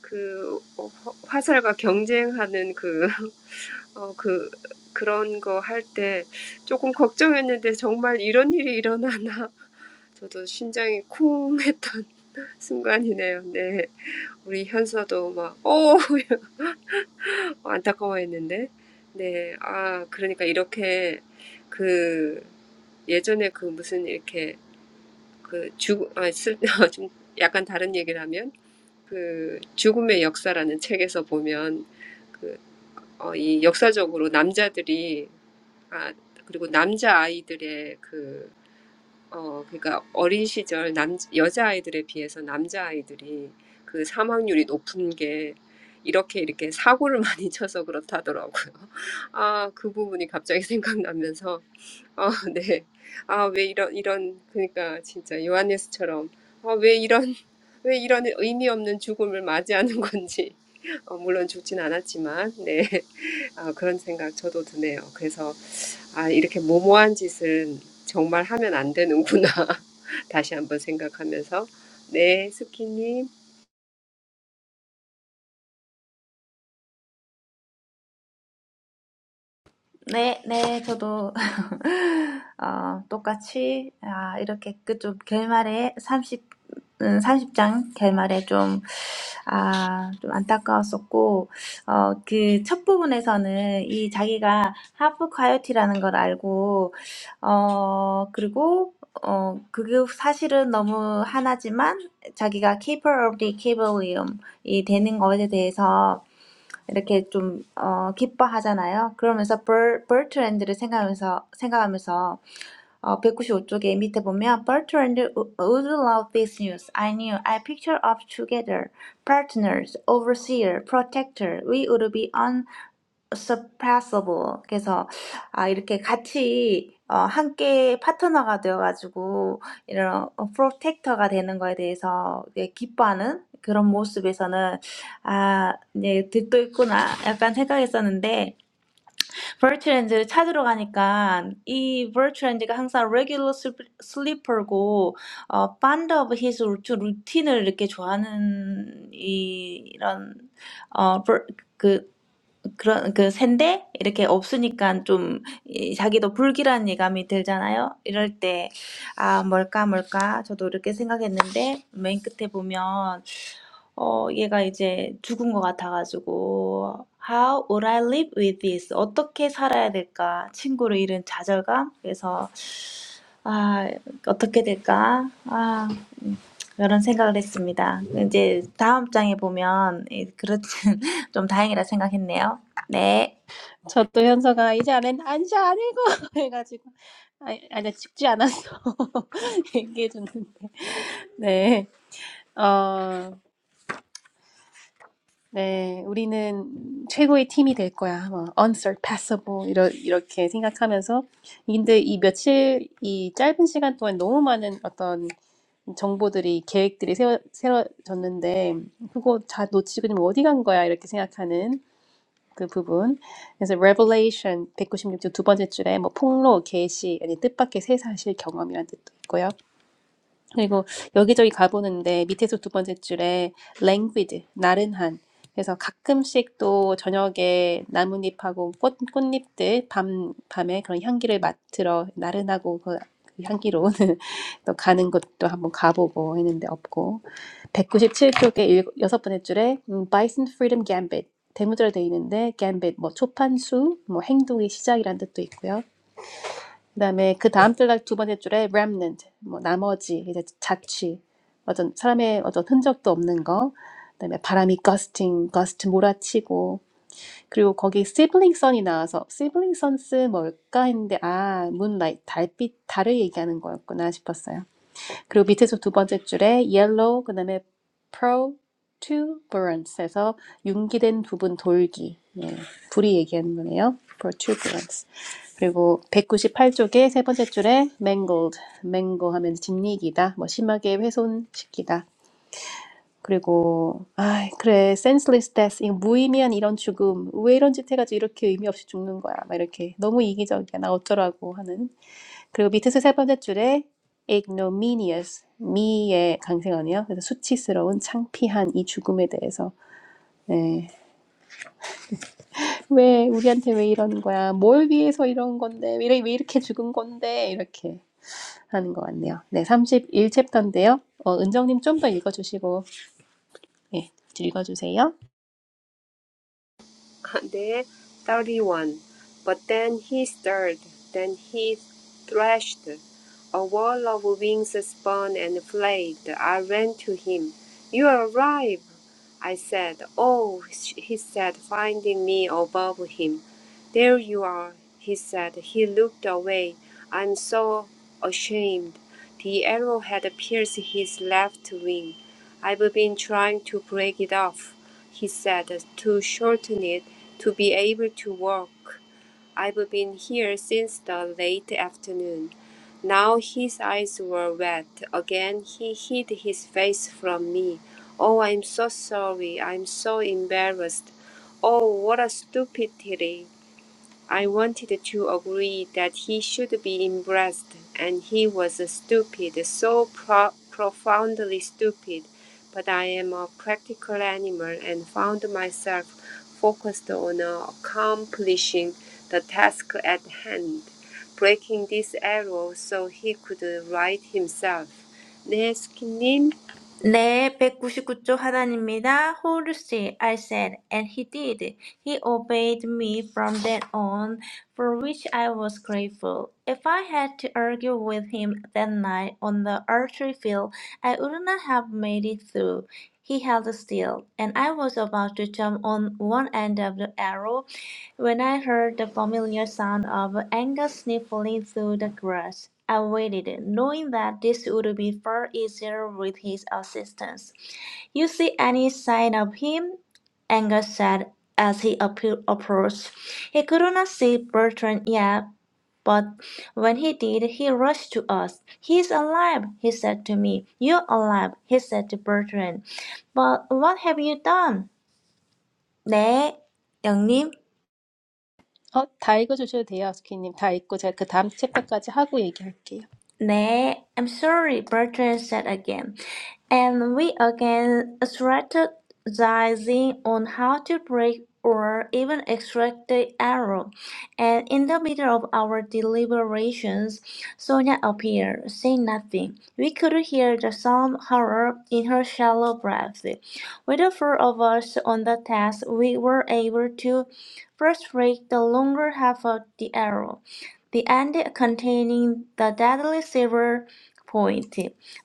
S2: 그 어, 화- 화살과 경쟁하는 그, 어, 그, 그런 거 할 때 조금 걱정했는데 정말 이런 일이 일어나나. 저도 심장이 쿵 했던 순간이네요. 네. 우리 현서도 막, 오! 안타까워했는데. 네. 아, 그러니까 이렇게 그 예전에 그 무슨 이렇게 그 죽, 아, 쓸, 좀 약간 다른 얘기를 하면 그 죽음의 역사라는 책에서 보면 그, 어, 이 역사적으로 남자들이 아, 그리고 남자 아이들의 그, 어, 그러니까 어린 시절 남, 여자 아이들에 비해서 남자 아이들이 그 사망률이 높은 게 이렇게 이렇게 사고를 많이 쳐서 그렇다더라고요. 아, 그 부분이 갑자기 생각나면서 아, 네. 아, 왜 이런, 이런, 그러니까 진짜 요한예스처럼, 아, 왜 이런, 왜 이런 의미 없는 죽음을 맞이하는 건지, 어, 물론 죽진 않았지만, 네. 아, 그런 생각 저도 드네요. 그래서, 아, 이렇게 모모한 짓은 정말 하면 안 되는구나. 다시 한번 생각하면서, 네, 스키님.
S3: 네, 네, 저도 어, 똑같이 아, 이렇게 그좀 결말에 30 음, 30장 결말에 좀, 아, 좀 안타까웠었고, 어, 그 첫 부분에서는 이 자기가 하프 콰이어티라는 걸 알고, 어, 그리고, 어, 그게 사실은 너무 하나지만 자기가 keeper of the equilibrium이 되는 것에 대해서 이렇게 좀 어, 기뻐하잖아요. 그러면서 벌, 벌트랜드를 생각하면서 생각하면서 어, 195쪽에 밑에 보면 Bertrand would love this news. I knew. I picture of together. Partners, overseer, protector. We would be on suppressible. 그래서 아, 이렇게 같이 어, 함께 파트너가 되어가지고 이런 프로텍터가 되는 거에 대해서 이제 기뻐하는 그런 모습에서는 아 이제 득도 있구나 약간 생각했었는데 버츄랜드를 찾으러 가니까 이 버츄랜드가 항상 regular sleep- sleeper고 어, fond of his routine을 이렇게 좋아하는 이, 이런 어, 버- 그런 그 샌데 이렇게 없으니까 좀이 자기도 불길한 예감이 들잖아요. 이럴 때, 아, 뭘까, 뭘까. 저도 이렇게 생각했는데, 맨 끝에 보면, 어, 얘가 이제 죽은 것 같아가지고, How would I live with this? 어떻게 살아야 될까? 친구를 잃은 좌절감? 그래서, 아, 어떻게 될까? 아, 음, 이런 생각을 했습니다. 이제 다음 장에 보면, 예, 그렇진, 좀 다행이라 생각했네요. 네.
S1: 저도 현서가 이제 안 했, 아, 이제 안 읽어! 해가지고, 아, 아니, 죽지 않았어. 얘기해줬는데, 네. 어 네, 우리는 최고의 팀이 될 거야. 뭐, unsurpassable 이러, 이렇게 생각하면서 근데 이 며칠 이 짧은 시간 동안 너무 많은 어떤 정보들이 계획들이 세워, 세워졌는데 그거 다 놓치고 지금 어디 간 거야 이렇게 생각하는 그 부분. 그래서 Revelation 196쪽 두 번째 줄에 뭐 폭로, 계시 아니 뜻밖의 새 사실 경험이란 뜻도 있고요. 그리고 여기저기 가보는데 밑에서 두 번째 줄에 languid, 나른한. 그래서 가끔씩 또 저녁에 나뭇잎하고 꽃, 꽃잎들 밤, 밤에 그런 향기를 맡으러 나른하고 그 향기로운 또 가는 곳도 한번 가보고 했는데 없고 197쪽에 일, 여섯 번째 줄에 음, Bison Freedom Gambit 대문자로 돼 있는데 gambit 뭐 초판수 뭐 행동의 시작이란 뜻도 있고요. 그다음에 그 다음 달두 번째 줄에 remnant 뭐 나머지 이제 자취 어떤 사람의 어떤 흔적도 없는 거 그다음에 바람이 gusting gust 몰아치고 그리고 거기 sibling sun이 나와서 sibling suns 뭘까 했는데 아 moonlight 달빛 달을 얘기하는 거였구나 싶었어요. 그리고 밑에서 두 번째 줄에 yellow 그다음에 protuberance에서 융기된 부분 돌기 예, 불이 얘기하는 거네요. protuberance 그리고 198쪽에 세 번째 줄에 mangled, mangle 하면 짓이기다, 뭐 심하게 훼손시키다. 그리고 아 그래 senseless death, 이 무의미한 이런 죽음, 왜 이런 짓 해가지고 이렇게 의미 없이 죽는 거야, 막 이렇게 너무 이기적이야, 나 어쩌라고 하는. 그리고 밑에서 세 번째 줄에 ignominious, 미의 강세어네요 그래서 수치스러운 창피한 이 죽음에 대해서. 네. 왜 우리한테 왜 이러는 거야? 뭘 위해서 이런 건데? 왜, 이래- 왜 이렇게 죽은 건데? 이렇게. 하는 것 같네요. 네, 31챕터인데요. 어, 은정님 좀 더 읽어주시고, 예, 읽어주세요.
S2: there, 31. But then he stirred, then he threshed. A wall of wings spun and flayed. I ran to him. You arrive, I said. Oh, he said, finding me above him. There you are, he said. He looked away. I'm so ashamed. The arrowhead pierced his left wing. I've been trying to break it off, he said, to shorten it, to be able to walk. I've been here since the late afternoon. Now his eyes were wet. Again he hid his face from me. Oh, I'm so sorry. I'm so embarrassed. Oh, what a stupidity. I wanted to agree that he should be embraced, and he was stupid, so pro- profoundly stupid. But I am a practical animal and found myself focused on uh, accomplishing the task at hand, breaking this arrow so he could uh, right himself. 내 스키님,
S3: 네, 199쪽 하나님입니다. Hold still, I said, and he did. He obeyed me from then on, for which I was grateful. If I had to argue with him that night on the archery field, I would not have made it through. He held still, and I was about to jump on one end of the arrow when I heard the familiar sound of Angus sniffling through the grass. I waited, knowing that this would be far easier with his assistance. You see any sign of him? Angus said as he appro- approached. He could not see Bertrand yet, but when he did, he rushed to us. He's alive, he said to me. You're alive, he said to Bertrand. But what have you done? 네, 영님.
S1: 어, 다 읽어주셔도 돼요, 스키님. 다 읽고 제가 그 다음 챕터까지 하고 얘기할게요.
S3: Nay, I'm sorry, Bertrand said again, and we again strategizing on how to break or even extract the arrow. And in the middle of our deliberations, Sonia appeared, saying nothing. We could hear the sound horror in her shallow breath. With the four of us on the task, we were able to frustrate the longer half of the arrow the end containing the deadly silver point.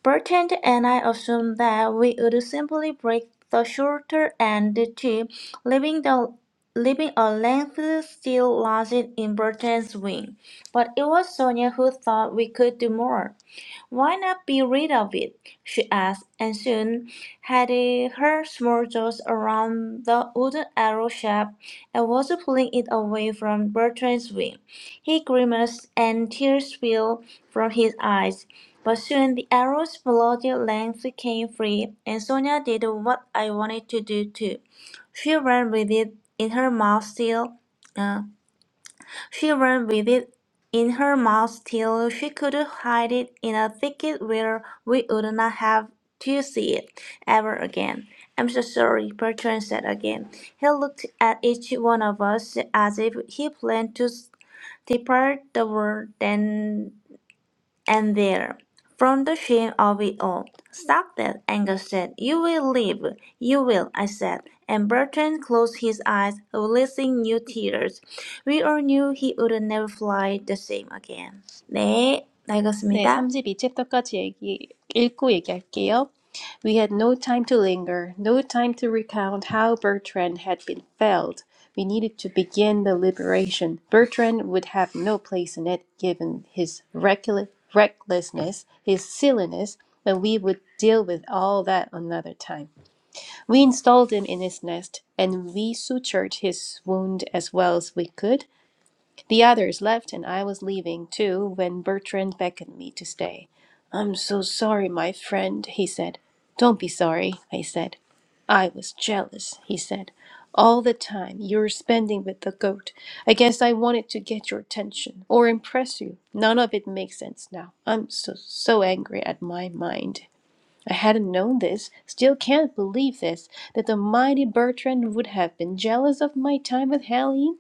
S3: Bertrand and I assumed that we would simply break the shorter end too, leaving the leaving a length still lodged in Bertrand's wing. But it was Sonia who thought we could do more. Why not be rid of it? she asked, and soon had uh, her small jaws around the wooden arrow shaft and was pulling it away from Bertrand's wing. He grimaced, and tears fell from his eyes. But soon the arrows below their length came free, and Sonia did what I wanted to do too. She ran with it in her mouth still. Uh, she ran with it in her mouth till she could hide it in a thicket where we would not have to see it ever again. I'm so sorry, Bertrand said again. He looked at each one of us as if he planned to Depart the world then and there from the shame of it all. Stop that, Angus said. You will live. You will, I said. And Bertrand closed his eyes, releasing new tears. We all knew he would never fly the same again. 네, 다
S1: 네,
S3: 읽었습니다.
S1: 삼십이 챕터까지 얘기, 읽고 얘기할게요. We had no time to linger, no time to recount how Bertrand had been felled. We needed to begin the liberation. Bertrand would have no place in it, given his reckless, recklessness, his silliness, but we would deal with all that another time. We installed him in his nest, and we sutured his wound as well as we could. The others left, and I was leaving too when Bertrand beckoned me to stay. I'm so sorry, my friend, he said. Don't be sorry, I said. I was jealous, he said. All the time you're spending with the goat. I guess I wanted to get your attention or impress you. None of it makes sense now. I'm so, so angry at my mind. I hadn't known this, still can't believe this, that the mighty Bertrand would have been jealous of my time with Helene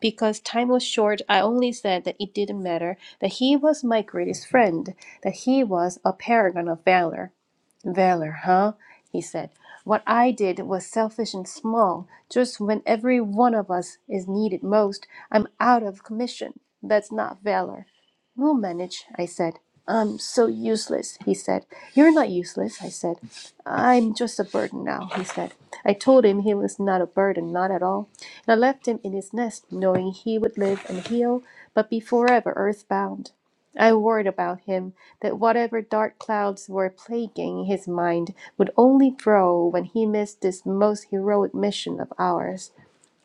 S1: because time was short, I only said that it didn't matter, that he was my greatest friend, that he was a paragon of valor. Valor, huh? He said. What I did was selfish and small. Just when every one of us is needed most, I'm out of commission. That's not valor. We'll manage, I said. I'm so useless, he said. You're not useless, I said. I'm just a burden now, he said. I told him he was not a burden, not at all. And I left him in his nest, knowing he would live and heal, but be forever earthbound. I worried about him that whatever dark clouds were plaguing his mind would only grow when he missed this most heroic mission of ours.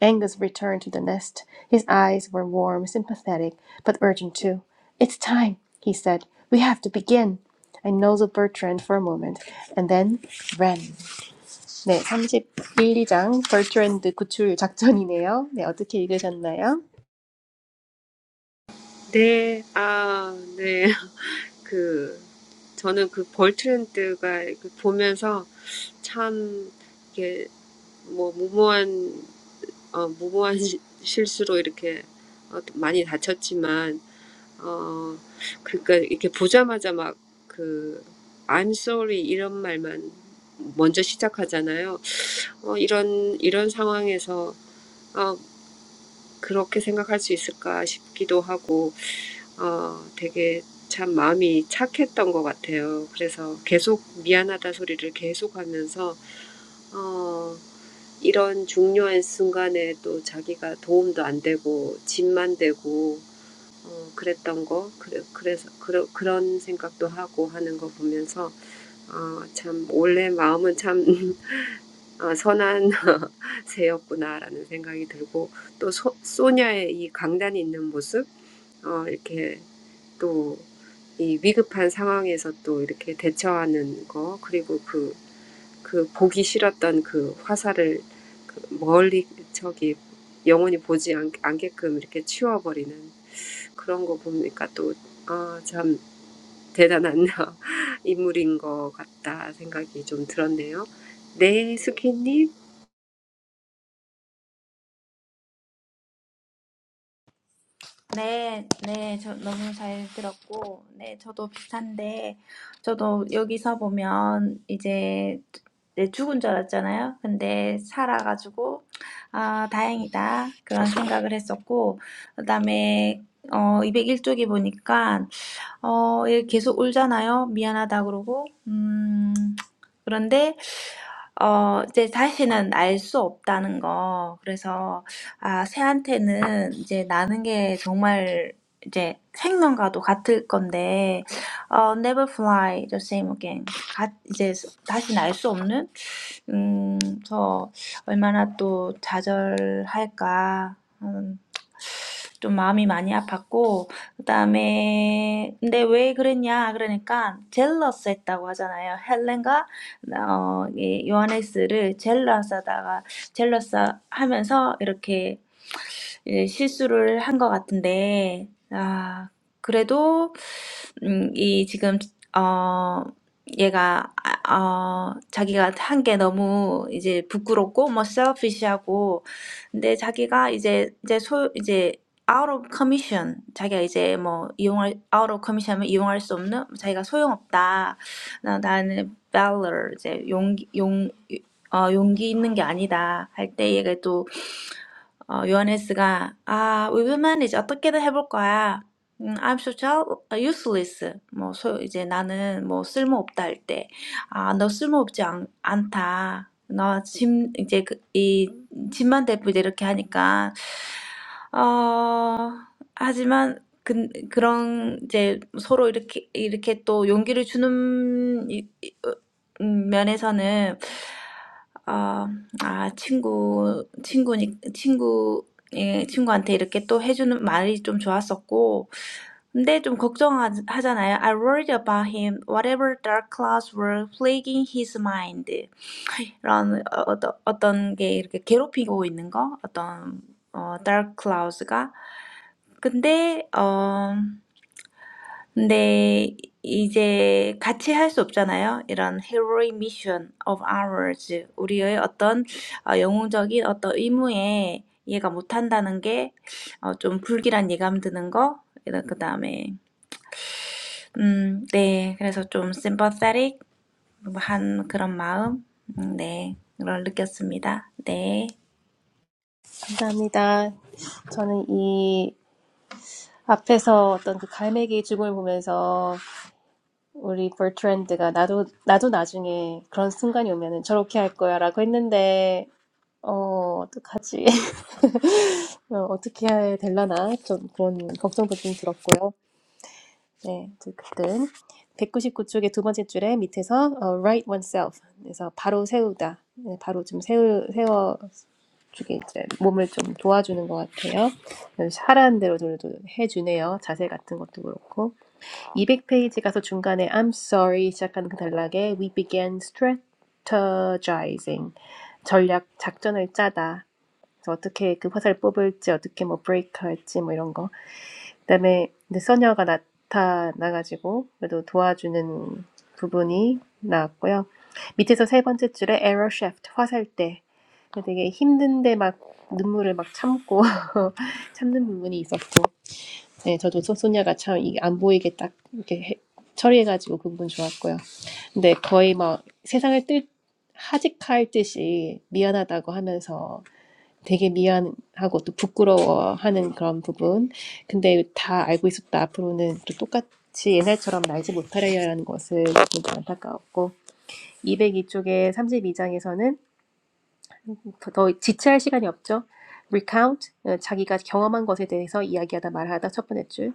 S1: Angus returned to the nest. His eyes were warm, sympathetic, but urgent too. It's time, he said. We have to begin. I nozzled Bertrand for a moment and then ran. 네, 31장 벌트랜드 구출 작전이네요. 네, 어떻게 읽으셨나요?
S2: 네, 아, 네. 그, 저는 그 볼트랜드가 그 보면서 참, 이게, 뭐, 무모한, 어, 무모한 시- 실수로 이렇게 어, 많이 다쳤지만, 어, 그러니까 이렇게 보자마자 막 그, I'm sorry 이런 말만 먼저 시작하잖아요. 어, 이런, 이런 상황에서, 어, 그렇게 생각할 수 있을까 싶기도 하고, 어, 되게 참 마음이 착했던 것 같아요. 그래서 계속 미안하다 소리를 계속 하면서, 어, 이런 중요한 순간에 또 자기가 도움도 안 되고, 짐만 되고, 어, 그랬던 거, 그래, 그래서, 그러, 그런 생각도 하고 하는 거 보면서, 어, 참, 원래 마음은 참 어, 선한 새였구나라는 생각이 들고, 또 소, 소녀의 이 강단이 있는 모습, 어, 이렇게 또 이 위급한 상황에서 또 이렇게 대처하는 거, 그리고 그, 그 보기 싫었던 그 화살을 그 멀리 저기 영원히 보지 않, 않게끔 이렇게 치워버리는 그런 거 보니까 또, 아, 참 대단한 인물인 것 같다 생각이 좀 들었네요. 네, 수키님.
S3: 네, 네, 저 너무 잘 들었고, 네, 저도 비슷한데, 저도 여기서 보면 이제 네, 죽은 줄 알았잖아요. 근데 살아가지고, 아, 다행이다. 그런 생각을 했었고, 그다음에, 어, 201쪽에 보니까, 어, 얘 계속 울잖아요. 미안하다 그러고, 음, 그런데 어 이제 다시는 알 수 없다는 거. 그래서 아 새한테는 이제 나는 게 정말 이제 생명과도 같을 건데 어 never fly the same again. 가, 이제 다시는 알 수 없는 음, 저 얼마나 또 좌절할까 좀 마음이 많이 아팠고 그다음에 근데 왜 그랬냐 그러니까 젤러스 했다고 하잖아요. 헬렌과 어, 이 요하네스를 젤러스하다가 젤러스 하면서 이렇게 예, 실수를 한것 같은데 아 그래도 음, 이 지금 어 얘가 아, 어 자기가 한 게 너무 이제 부끄럽고 뭐 selfish하고 근데 자기가 이제 이제 소 이제 out of commission 자기가 이제 뭐 이용할 out of commission하면 이용할 수 없는 자기가 소용없다 나 나는 valor 이제 용기 용 어, 용기 있는 게 아니다 할 때 얘가 또 어, 요하네스가 아, we will manage 어떻게든 해볼 거야. 음, I'm so child, useless. 뭐 소, 이제 나는 뭐 쓸모 없다 할 때, 아, 너 쓸모 없지 않, 않다. 너짐 이제 그, 이 짐만 대고 이제 이렇게 하니까 어, 하지만 그, 그런 이제 서로 이렇게 이렇게 또 용기를 주는 이, 이, 어, 음, 면에서는 아, 친구, 친구니, 친구, 예, 친구한테 이렇게 또 해주는 말이 좀 좋았었고, 근데 좀 걱정하잖아요. I worried about him. Whatever dark clouds were plaguing his mind. 이런 어, 어떤 어떤 게 이렇게 괴롭히고 있는 거, 어떤 어, dark clouds가. 근데 근데 이제 같이 할 수 없잖아요. 이런 heroic mission of ours, 우리의 어떤 어, 영웅적인 어떤 의무에 이해가 못한다는 게 어, 좀 불길한 예감 드는 거. 이런 그 다음에 음, 네, 그래서 좀 sympathetic 한 그런 마음, 음, 네, 그걸 느꼈습니다. 네.
S1: 감사합니다. 저는 이 앞에서 어떤 그 갈매기의 죽음을 보면서 우리 버트랜드가 나도, 나도 나중에 그런 순간이 오면은 저렇게 할 거야라고 했는데, 어, 어떡하지? 어, 어떻게 해야 되려나? 좀 그런 걱정도 좀 들었고요. 네, 듣든 199쪽의 두 번째 줄에 밑에서 어, right oneself 그래서 바로 세우다, 네, 바로 좀 세우, 세워 주기 이제 몸을 좀 도와주는 것 같아요. 그래서 하라는 좀 해주네요. 자세 같은 것도 그렇고 200페이지 가서 중간에 I'm sorry 시작하는 그 단락에 we began strategizing 전략 작전을 짜다. 그래서 어떻게 그 화살 뽑을지 어떻게 뭐 브레이크 할지 뭐 이런 거 그다음에 이제 소녀가 나타나가지고 그래도 도와주는 부분이 나왔고요. 밑에서 세 번째 줄에 에러 쉐프트 화살대 되게 힘든데 막 눈물을 막 참고 참는 부분이 있었고 네, 저도 소, 소녀가 참 이게 안 보이게 딱 이렇게 해, 처리해가지고 그 부분 좋았고요. 근데 거의 막 세상을 뜰 하직할 듯이 미안하다고 하면서 되게 미안하고 또 부끄러워하는 그런 부분. 근데 다 알고 있었다. 앞으로는 또 똑같이 옛날처럼 날지 못하리라는 것을 좀 안타까웠고 202쪽에 32장에서는 더 지체할 시간이 없죠. Recount 자기가 경험한 것에 대해서 이야기하다 말하다 첫 번째 줄.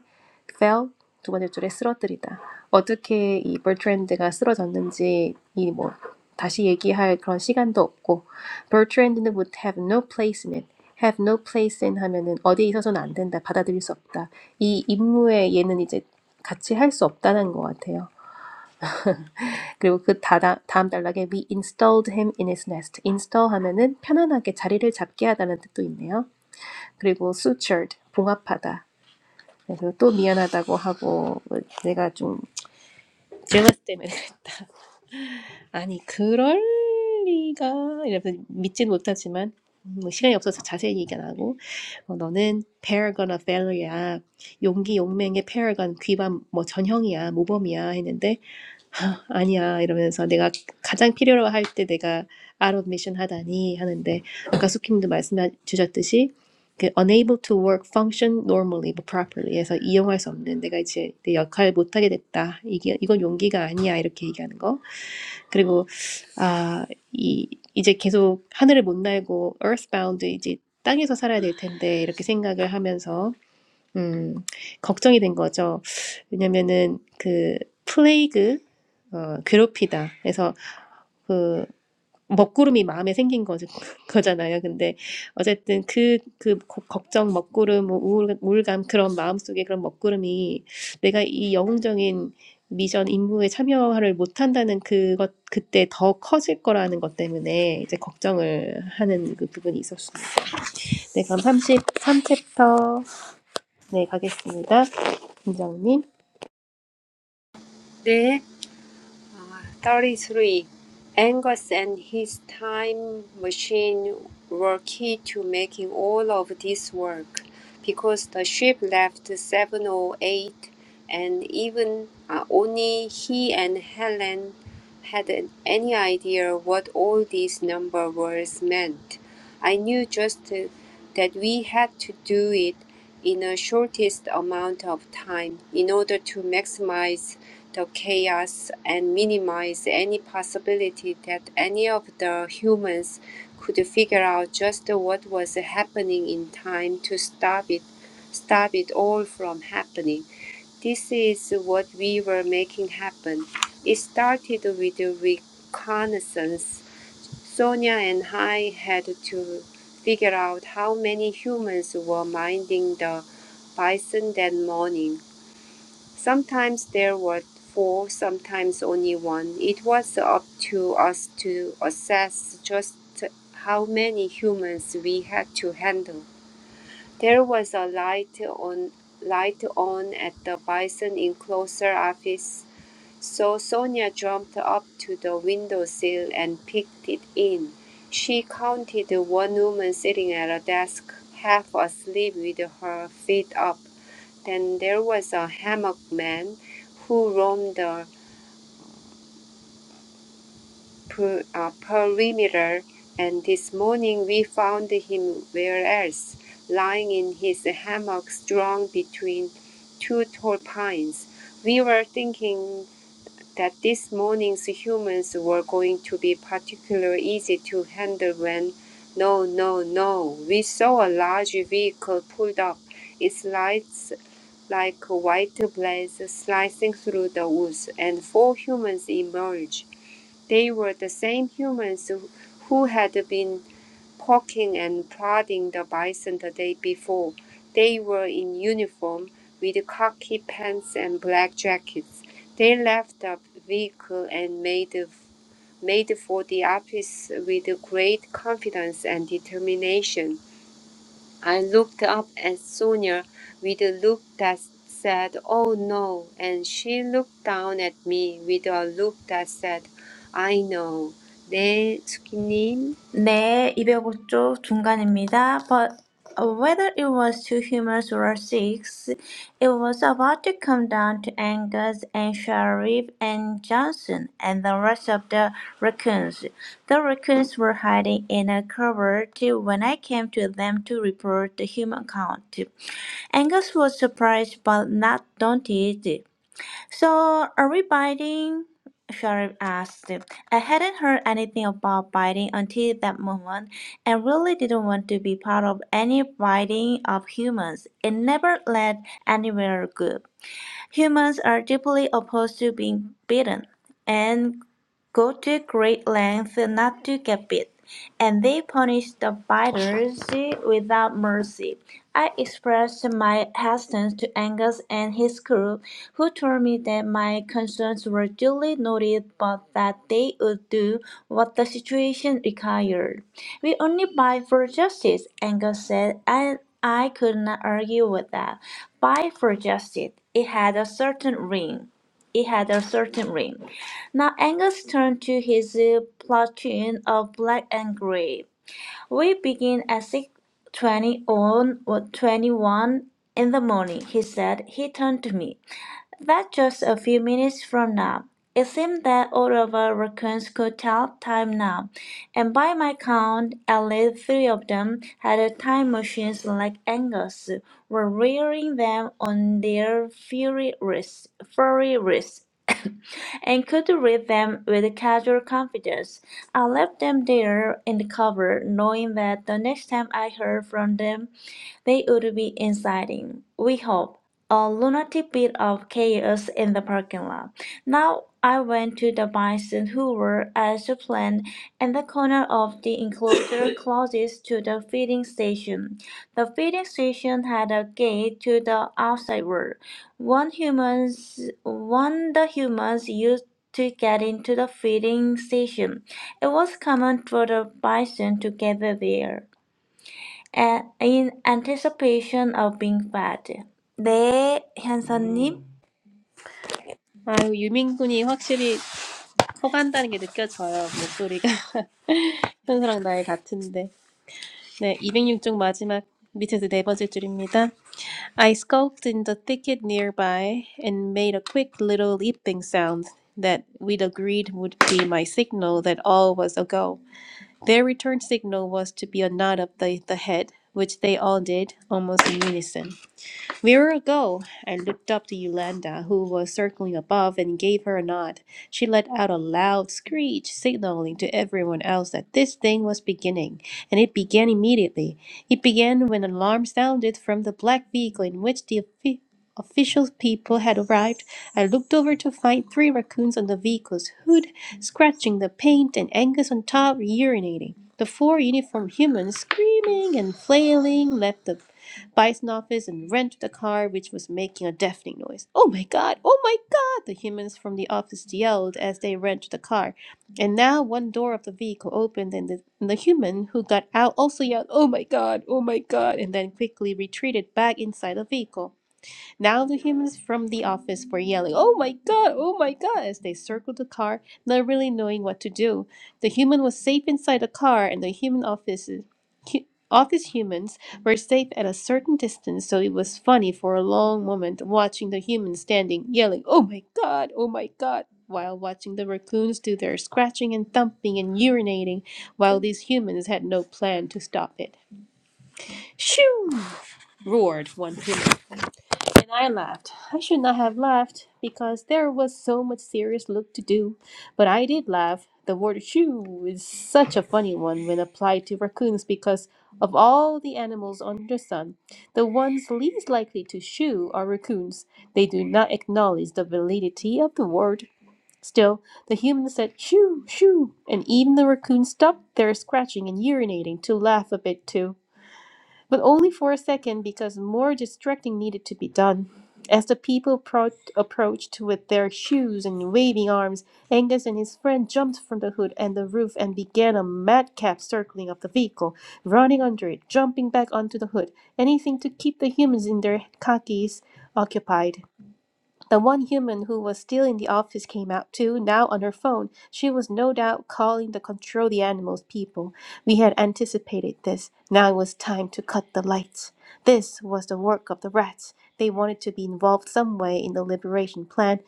S1: Fell 두 번째 줄에 쓰러뜨리다. 어떻게 이 버트랜드가 쓰러졌는지 이 뭐 다시 얘기할 그런 시간도 없고 Bertrand는 would have no place in it. have no place in 하면은 어디에 있어서는 안 된다. 받아들일 수 없다. 이 임무에 얘는 이제 같이 할 수 없다는 것 같아요. 그리고 그 다다, 다음 단락에 we installed him in his nest. install 하면은 편안하게 자리를 잡게 하다는 뜻도 있네요. 그리고 sutured 봉합하다. 그래서 또 미안하다고 하고 내가 좀 jealous 때문에 그랬다. 아니 그럴 리가 이러면서 믿진 못하지만 뭐 시간이 없어서 자세히 얘기 안 하고 어, 너는 paragon of value야 용기 용맹의 paragon 귀반 뭐 전형이야 모범이야 했는데 "아, 아니야 이러면서 내가 가장 필요로 할 때 내가 out of mission 하다니 하는데 아까 수킴도 말씀해 주셨듯이 그 unable to work function normally but properly 해서 이용할 수 없는 내가 이제 내 역할 못 하게 됐다 이게 이건 용기가 아니야 이렇게 얘기하는 거 그리고 아이 이제 계속 하늘을 못 날고 earthbound 이제 땅에서 살아야 될 텐데 이렇게 생각을 하면서 음, 걱정이 된 거죠. 왜냐면은 그 플레이그 어, 괴롭히다. 그래서 그 먹구름이 마음에 생긴 거죠, 거잖아요. 근데 어쨌든 그, 그 고- 걱정, 먹구름, 뭐 우울, 우울감 그런 마음속에 그런 먹구름이 내가 이 영웅적인 미션 임무에 참여를 못한다는 그것 그때 더 커질 거라는 것 때문에 이제 걱정을 하는 그 부분이 있었습니다. 네, 그럼 삼십삼 챕터 네 가겠습니다. 김정님.
S2: 네. 33. Angus and his time machine were key to making all of this work because the ship left 708 and even uh, only he and Helen had any idea what all these number words meant. I knew just uh, that we had to do it in the shortest amount of time in order to maximize the chaos and minimize any possibility that any of the humans could figure out just what was happening in time to stop it stop it all from happening. This is what we were making happen. It started with a reconnaissance. Sonia and I had to figure out how many humans were minding the bison that morning. Sometimes there were four, sometimes only one. It was up to us to assess just how many humans we had to handle. There was a light on light on at the bison enclosure office, so Sonia jumped up to the windowsill and peeked it in. She counted one woman sitting at a desk, half asleep with her feet up. Then there was a hammock man who roamed the per, uh, perimeter, and this morning we found him where else, lying in his hammock strung between two tall pines. We were thinking that this morning's humans were going to be particularly easy to handle when no, no, no. We saw a large vehicle pulled up, its lights like a white blaze slicing through the woods, and four humans emerged. They were the same humans who who had been poking and prodding the bison the day before. They were in uniform with khaki pants and black jackets. They left the vehicle and made made for the office with great confidence and determination. I looked up at Sonia with a look that said, Oh no, and she looked down at me with a look that said, I know. 네, 스키님.
S3: 네, 205쪽 중간입니다. But whether it was two humans or six, it was about to come down to Angus and Sharif and Johnson and the rest of the raccoons. The raccoons were hiding in a cupboard when I came to them to report the human count. Angus was surprised but not daunted. So, are we biting? Sharif asked. I hadn't heard anything about biting until that moment and really didn't want to be part of any biting of humans. It never led anywhere good. Humans are deeply opposed to being beaten and go to great lengths not to get beat, and they punish the biters without mercy. I expressed my hesitance to Angus and his crew, who told me that my concerns were duly noted but that they would do what the situation required. We only buy for justice, Angus said, and I could not argue with that. Buy for justice. It had a certain ring. It had a certain ring. Now Angus turned to his uh, platoon of black and grey. We begin at 6.20 on or 21 in the morning, he said. He turned to me. That just a few minutes from now. It seemed that all of our raccoons could tell time now, and by my count, at least three of them had a time machines like Angus, were rearing them on their furry wrists, furry wrists, and could read them with casual confidence. I left them there in the cover, knowing that the next time I heard from them they would be inciting, we hope, a lunatic bit of chaos in the parking lot. Now I went to the bison who were, as planned, in the corner of the enclosure closest to the feeding station. The feeding station had a gate to the outside world. One humans, one the humans used to get into the feeding station. It was common for the bison to gather there a- in anticipation of being fed. 네, 현서님.
S1: 아유, 유민군이 확실히 커간다는 게 느껴져요. 목소리가. 현수랑 나의 같은데. 네, 206쪽 마지막 밑에서 네 번째 줄입니다. I skulked in the thicket nearby and made a quick little leaping sound that we'd agreed would be my signal that all was ago. Their return signal was to be a nod of the, the head, which they all did almost in unison. Vera, go! I looked up to Yolanda, who was circling above, and gave her a nod. She let out a loud screech, signaling to everyone else that this thing was beginning, and it began immediately. It began when an alarm sounded from the black vehicle in which the offi- official people had arrived. I looked over to find three raccoons on the vehicle's hood, scratching the paint, and Angus on top urinating. The four uniformed humans, screaming and flailing, left the Bison office and ran to the car, which was making a deafening noise. Oh my god! Oh my god! The humans from the office yelled as they ran to the car. And now one door of the vehicle opened, and the, and the human who got out also yelled, Oh my god! Oh my god! and then quickly retreated back inside the vehicle. Now the humans from the office were yelling, Oh my god, oh my god, as they circled the car, not really knowing what to do. The human was safe inside the car, and the human office, hu- office humans were safe at a certain distance, so it was funny for a long moment watching the humans standing, yelling, Oh my god, oh my god, while watching the raccoons do their scratching and thumping and urinating, while these humans had no plan to stop it. Shoo! roared one human. And I laughed. I should not have laughed because there was so much serious look to do, but I did laugh. The word shoo is such a funny one when applied to raccoons because of all the animals under the sun, the ones least likely to shoo are raccoons. They do not acknowledge the validity of the word. Still, the human said shoo, shoo, and even the raccoon stopped their scratching and urinating to laugh a bit too but only for a second because more distracting needed to be done. As the people pro- approached with their shoes and waving arms, Angus and his friend jumped from the hood and the roof and began a madcap circling of the vehicle, running under it, jumping back onto the hood, anything to keep the humans in their khakis occupied. The one human who was still in the office came out too, now on her phone. She was no doubt calling the control the animals people. We had anticipated this. Now it was time to cut the lights. This was the work of the rats. They wanted to be involved some way in the liberation plan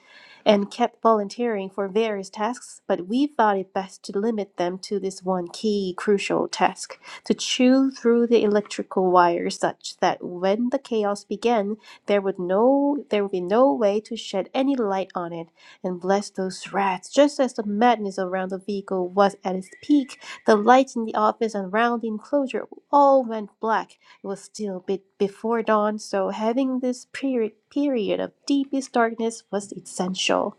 S1: and kept volunteering for various tasks, but we thought it best to limit them to this one key crucial task to chew through the electrical wires such that when the chaos began there would no there would be no way to shed any light on it and bless those rats. Just as the madness around the vehicle was at its peak, the lights in the office and round the enclosure all went black. It was still a bit before dawn, so having this period period of deepest darkness was essential.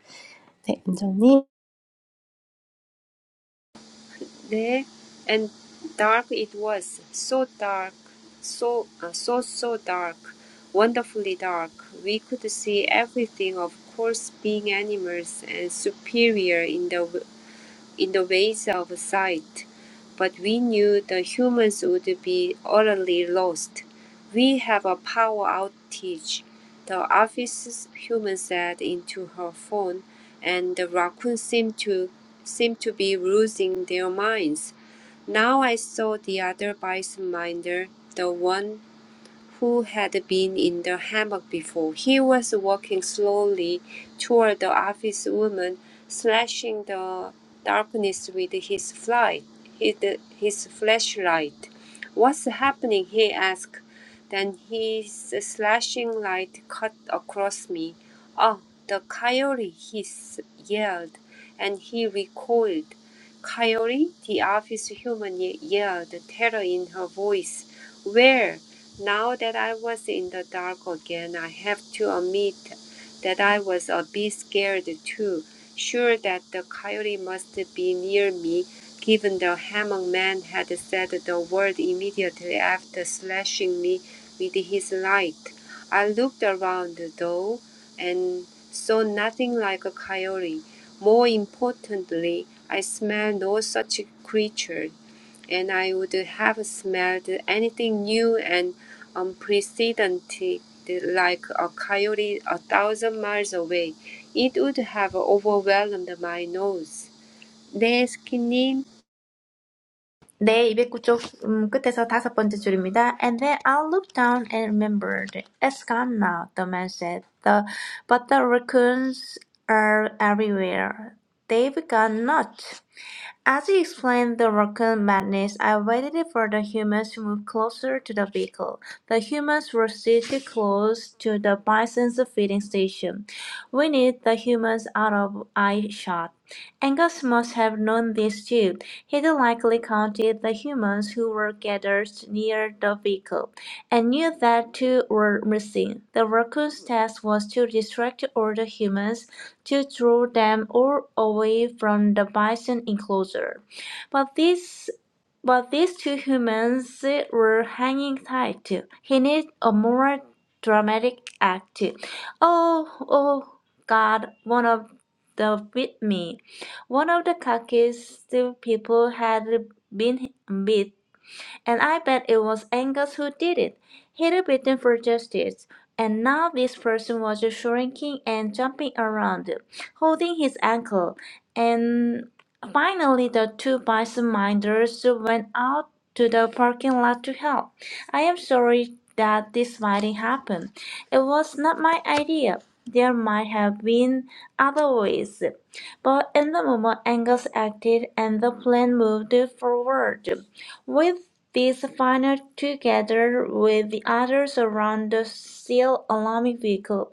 S1: 네, 은정님.
S2: 네. And dark it was, so dark, so, uh, so, so dark, wonderfully dark. We could see everything, of course, being animals and superior in the in the ways of sight, but we knew the humans would be utterly lost. We have a power outage, the office human said into her phone, and the raccoons seemed to seemed to be losing their minds. Now I saw the other bison minder, the one who had been in the hammock before. He was walking slowly toward the office woman, slashing the darkness with his flight, his, his flashlight. What's happening? he asked. Then his slashing light cut across me. Oh, the coyote, he s- yelled, and he recoiled. Coyote, the office human ye- yelled, terror in her voice. Where? Now that I was in the dark again, I have to admit that I was a bit scared too, sure that the coyote must be near me, given the hammock man had said the word immediately after slashing me with his light. I looked around though and saw nothing like a coyote. More importantly, I smelled no such creature and I would have smelled anything new and unprecedented like a coyote a thousand miles away. It would have overwhelmed my nose. They skinned
S3: 네, 209쪽 음, 끝에서 다섯 번째 줄입니다. And then I looked down and remembered. It's gone now, the man said. The, but the raccoons are everywhere. They've gone nuts. As he explained the rocket madness, I waited for the humans to move closer to the vehicle. The humans were seated close to the bison's feeding station. We need the humans out of eye shot. Angus must have known this too. He likely counted the humans who were gathered near the vehicle, and knew that two were missing. The raccoon's task was to distract all the humans to draw them all away from the bison enclosure. But these but these two humans were hanging tight too. He needed a more dramatic act too. Oh, oh, God, one of the with me. One of the khakis the people had been bit and I bet it was Angus who did it. He'd written for justice. And now this person was just shrinking and jumping around, holding his ankle. And finally, the two bison minders went out to the parking lot to help. I am sorry that this fighting happened. It was not my idea. There might have been other ways. But in the moment, Angus acted and the plan moved forward. With this final together with the others around the seal alarming vehicle,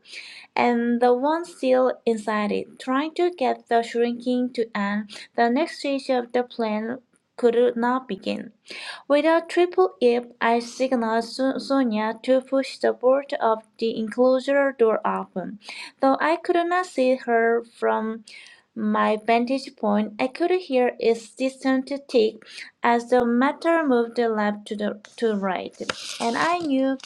S3: and the one seal inside it, trying to get the shrinking to end, the next stage of the plan could not begin. With a triple yip, I signaled Su- Sonia to push the board of the enclosure door open. Though I could not see her from my vantage point, I could hear its distant tick as the matter moved left to the to right, and I knew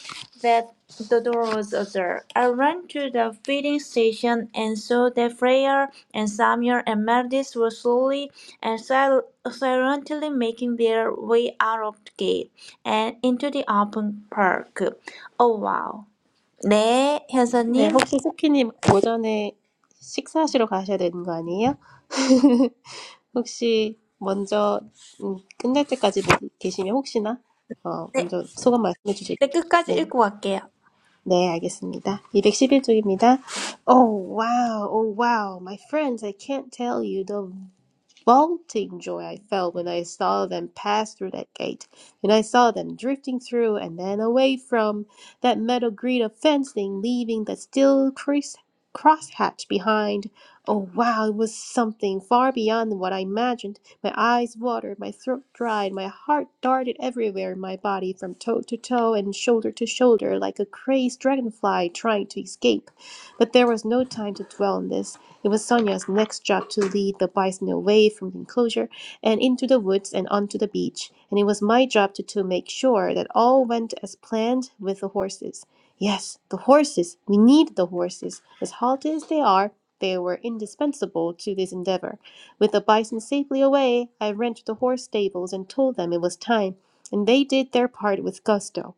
S3: that the door was ajar. I ran to the feeding station and saw that Freya and Samuel and Meredith were slowly and sil- silently making their way out of the gate and into the open park. Oh, wow. 네,
S1: 네,
S3: 현서님.
S1: 혹시 스키님 오전에 식사하시러 가셔야 되는 거 아니에요? 혹시 먼저 음, 끝날 때까지 못 계시면 혹시나 어,
S3: 네,
S1: 먼저 소감 말씀해 주실
S3: 네, 끝까지
S1: 네.
S3: 읽고 갈게요.
S1: 네, 알겠습니다. 211쪽입니다. Oh wow, oh wow, my friends, I can't tell you the vaulting joy I felt when I saw them pass through that gate, and I saw them drifting through and then away from that metal grid of fencing, leaving that still crease crosshatch behind. Oh wow, it was something far beyond what I imagined. My eyes watered, my throat dried, my heart darted everywhere in my body from toe to toe and shoulder to shoulder like a crazed dragonfly trying to escape. But there was no time to dwell on this. It was Sonia's next job to lead the bison away from the enclosure and into the woods and onto the beach, and it was my job to, to make sure that all went as planned with the horses. Yes, the horses! We need the horses. As halty as they are, they were indispensable to this endeavor. With the bison safely away, I ran to the horse stables and told them it was time, and they did their part with gusto.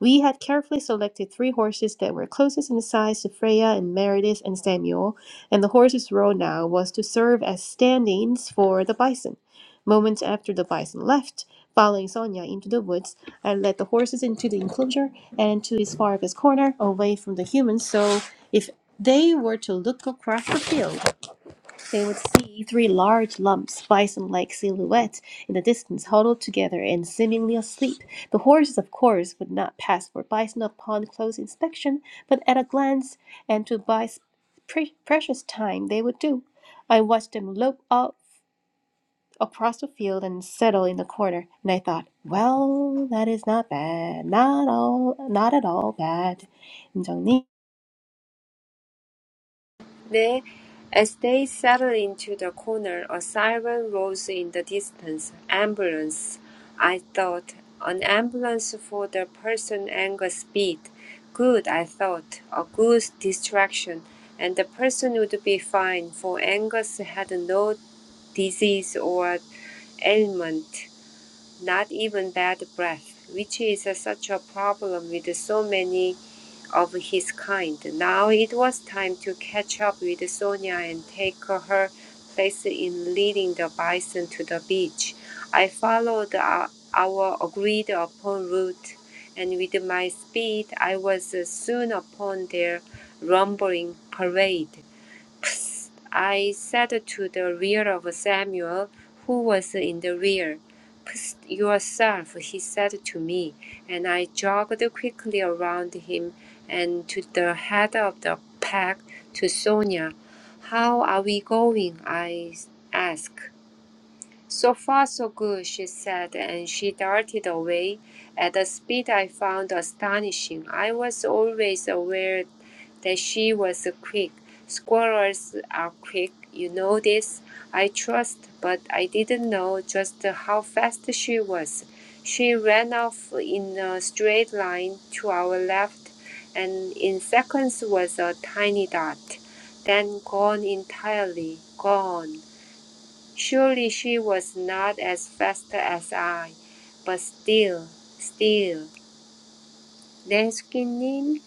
S1: We had carefully selected three horses that were closest in size to Freya and Meredith and Samuel, and the horse's role now was to serve as stand-ins for the bison. Moments after the bison left, following Sonia into the woods, I led the horses into the enclosure and to his farthest corner, away from the humans, so if they were to look across the field, they would see three large lumps, bison like silhouettes, in the distance, huddled together and seemingly asleep. The horses, of course, would not pass for bison upon close inspection, but at a glance and to buy pre- precious time, they would do. I watched them lope off across the field and settle in the corner, and I thought, well, that is not bad. Not all, not at all bad. 인정님?
S2: there. As they settled into the corner, a siren rose in the distance. Ambulance, I thought. An ambulance for the person Angus beat. Good, I thought. A good distraction. And the person would be fine, for Angus had no disease or ailment, not even bad breath, which is uh, such a problem with so many of his kind. Now it was time to catch up with Sonia and take her place in leading the bison to the beach. I followed our, our agreed upon route, and with my speed, I was soon upon their rumbling parade. Psst, I said to the rear of Samuel, who was in the rear. Psst yourself, he said to me, and I jogged quickly around him and to the head of the pack to Sonia. How are we going? I asked. So far, so good, she said, and she darted away at a speed I found astonishing. I was always aware that she was quick. Squirrels are quick, you know this, I trust, but I didn't know just how fast she was. She ran off in a straight line to our left, and in seconds was a tiny dot, then gone entirely, gone. Surely she was not as fast as I, but still, still. 네, 스키님.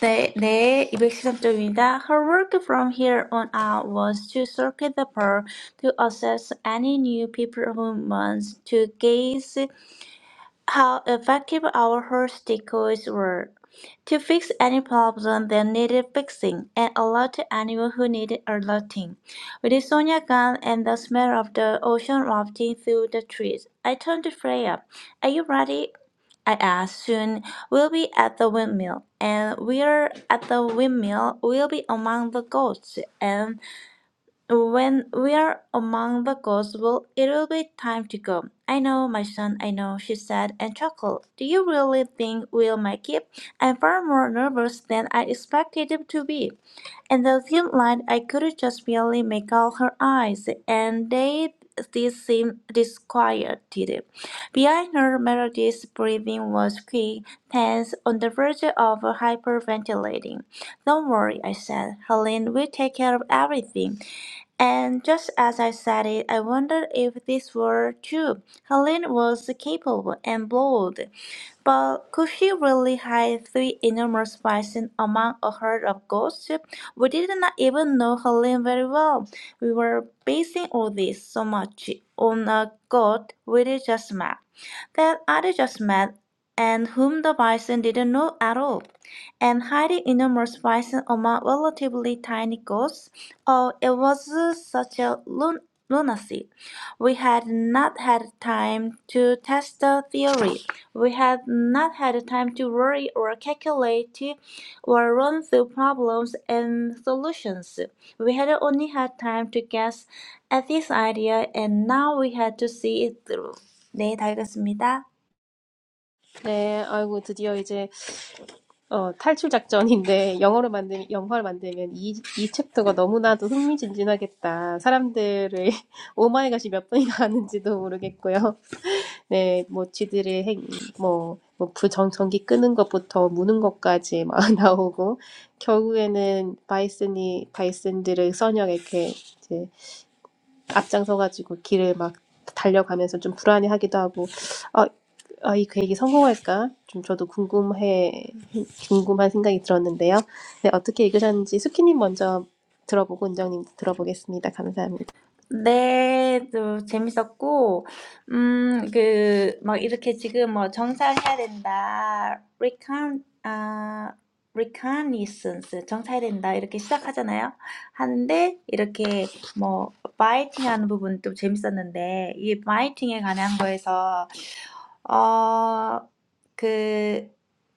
S3: 네, 네, 213쪽입니다. Her work from here on out was to circuit the park, to assess any new people who wants to gaze how effective our host decoys were to fix any problem that needed fixing and alert anyone who needed alerting. With Sonia gone and the smell of the ocean wafting through the trees, I turned to Freya. Are you ready? I asked. Soon we'll be at the windmill, and we're at the windmill. We'll be among the goats, and. When we are among the ghosts, well, it'll be time to go. I know, my son, I know, she said and chuckled. Do you really think we'll make it? I'm far more nervous than I expected it to be. In the dim light, I could just barely make out her eyes, and they did seem disquieted. Behind her, Meredith's breathing was quick, tense, on the verge of hyperventilating. Don't worry, I said. Helene will take care of everything. And just as I said it, I wondered if this were true. Helene was capable and bold, but could she really hide three enormous bison among a herd of goats? We did not even know Helene very well. We were basing all this so much on a goat we did just met, that I did just met, and whom the bison didn't know at all and highly enormous bison among relatively tiny goats. Oh, it was such a lun- lunacy. We had not had time to test the theory. We had not had time to worry or calculate or run through problems and solutions. We had only had time to guess at this idea and now we had to see it through. 네, 다 읽었습니다.
S1: 네, 아이고, 드디어 이제 어, 탈출 작전인데 영어로 만들 영화를 만들면 이, 이 챕터가 너무나도 흥미진진하겠다. 사람들의 오마이갓이 몇 번이나 하는지도 모르겠고요. 네, 뭐 쥐들의 행, 뭐, 뭐 부정 전기 끄는 것부터 무는 것까지 막 나오고 결국에는 바이슨이 바이슨들을 써녀 이렇게 이제. 앞장서가지고 길을 막 달려가면서 좀 불안해하기도 하고 어, 어, 이 계획이 성공할까? 좀 저도 궁금해 궁금한 생각이 들었는데요. 네, 어떻게 읽으셨는지 수키님 먼저 들어보고 은정님 들어보겠습니다. 감사합니다.
S3: 네. 또 재밌었고 음그막 이렇게 지금 뭐 정찰해야 된다. recon 아 reconnaissance 정찰해야 된다. 이렇게 시작하잖아요. 하는데 이렇게 뭐 biting 하는 부분도 재밌었는데 이 biting에 관한 거에서 어 그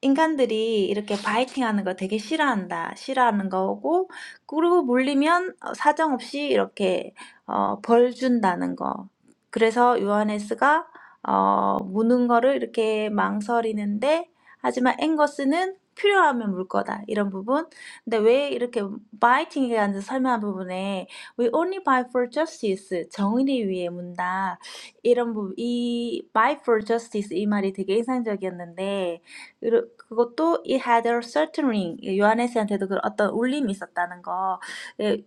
S3: 인간들이 이렇게 바이팅하는 거 되게 싫어한다. 싫어하는 거고 그리고 물리면 어 사정없이 이렇게 어벌 준다는 거. 그래서 요하네스가 어 무는 거를 이렇게 망설이는데 하지만 앵거스는 필요하면 물 거다. 이런 부분. 근데 왜 이렇게 바이팅에 대한 설명한 부분에 We only buy for justice. 정의를 위해 문다. 이런 부, 이 Fight for Justice 이 말이 되게 인상적이었는데 그리고 그것도 it had a certain ring 요하네스한테도 그 어떤 울림이 있었다는 거 예,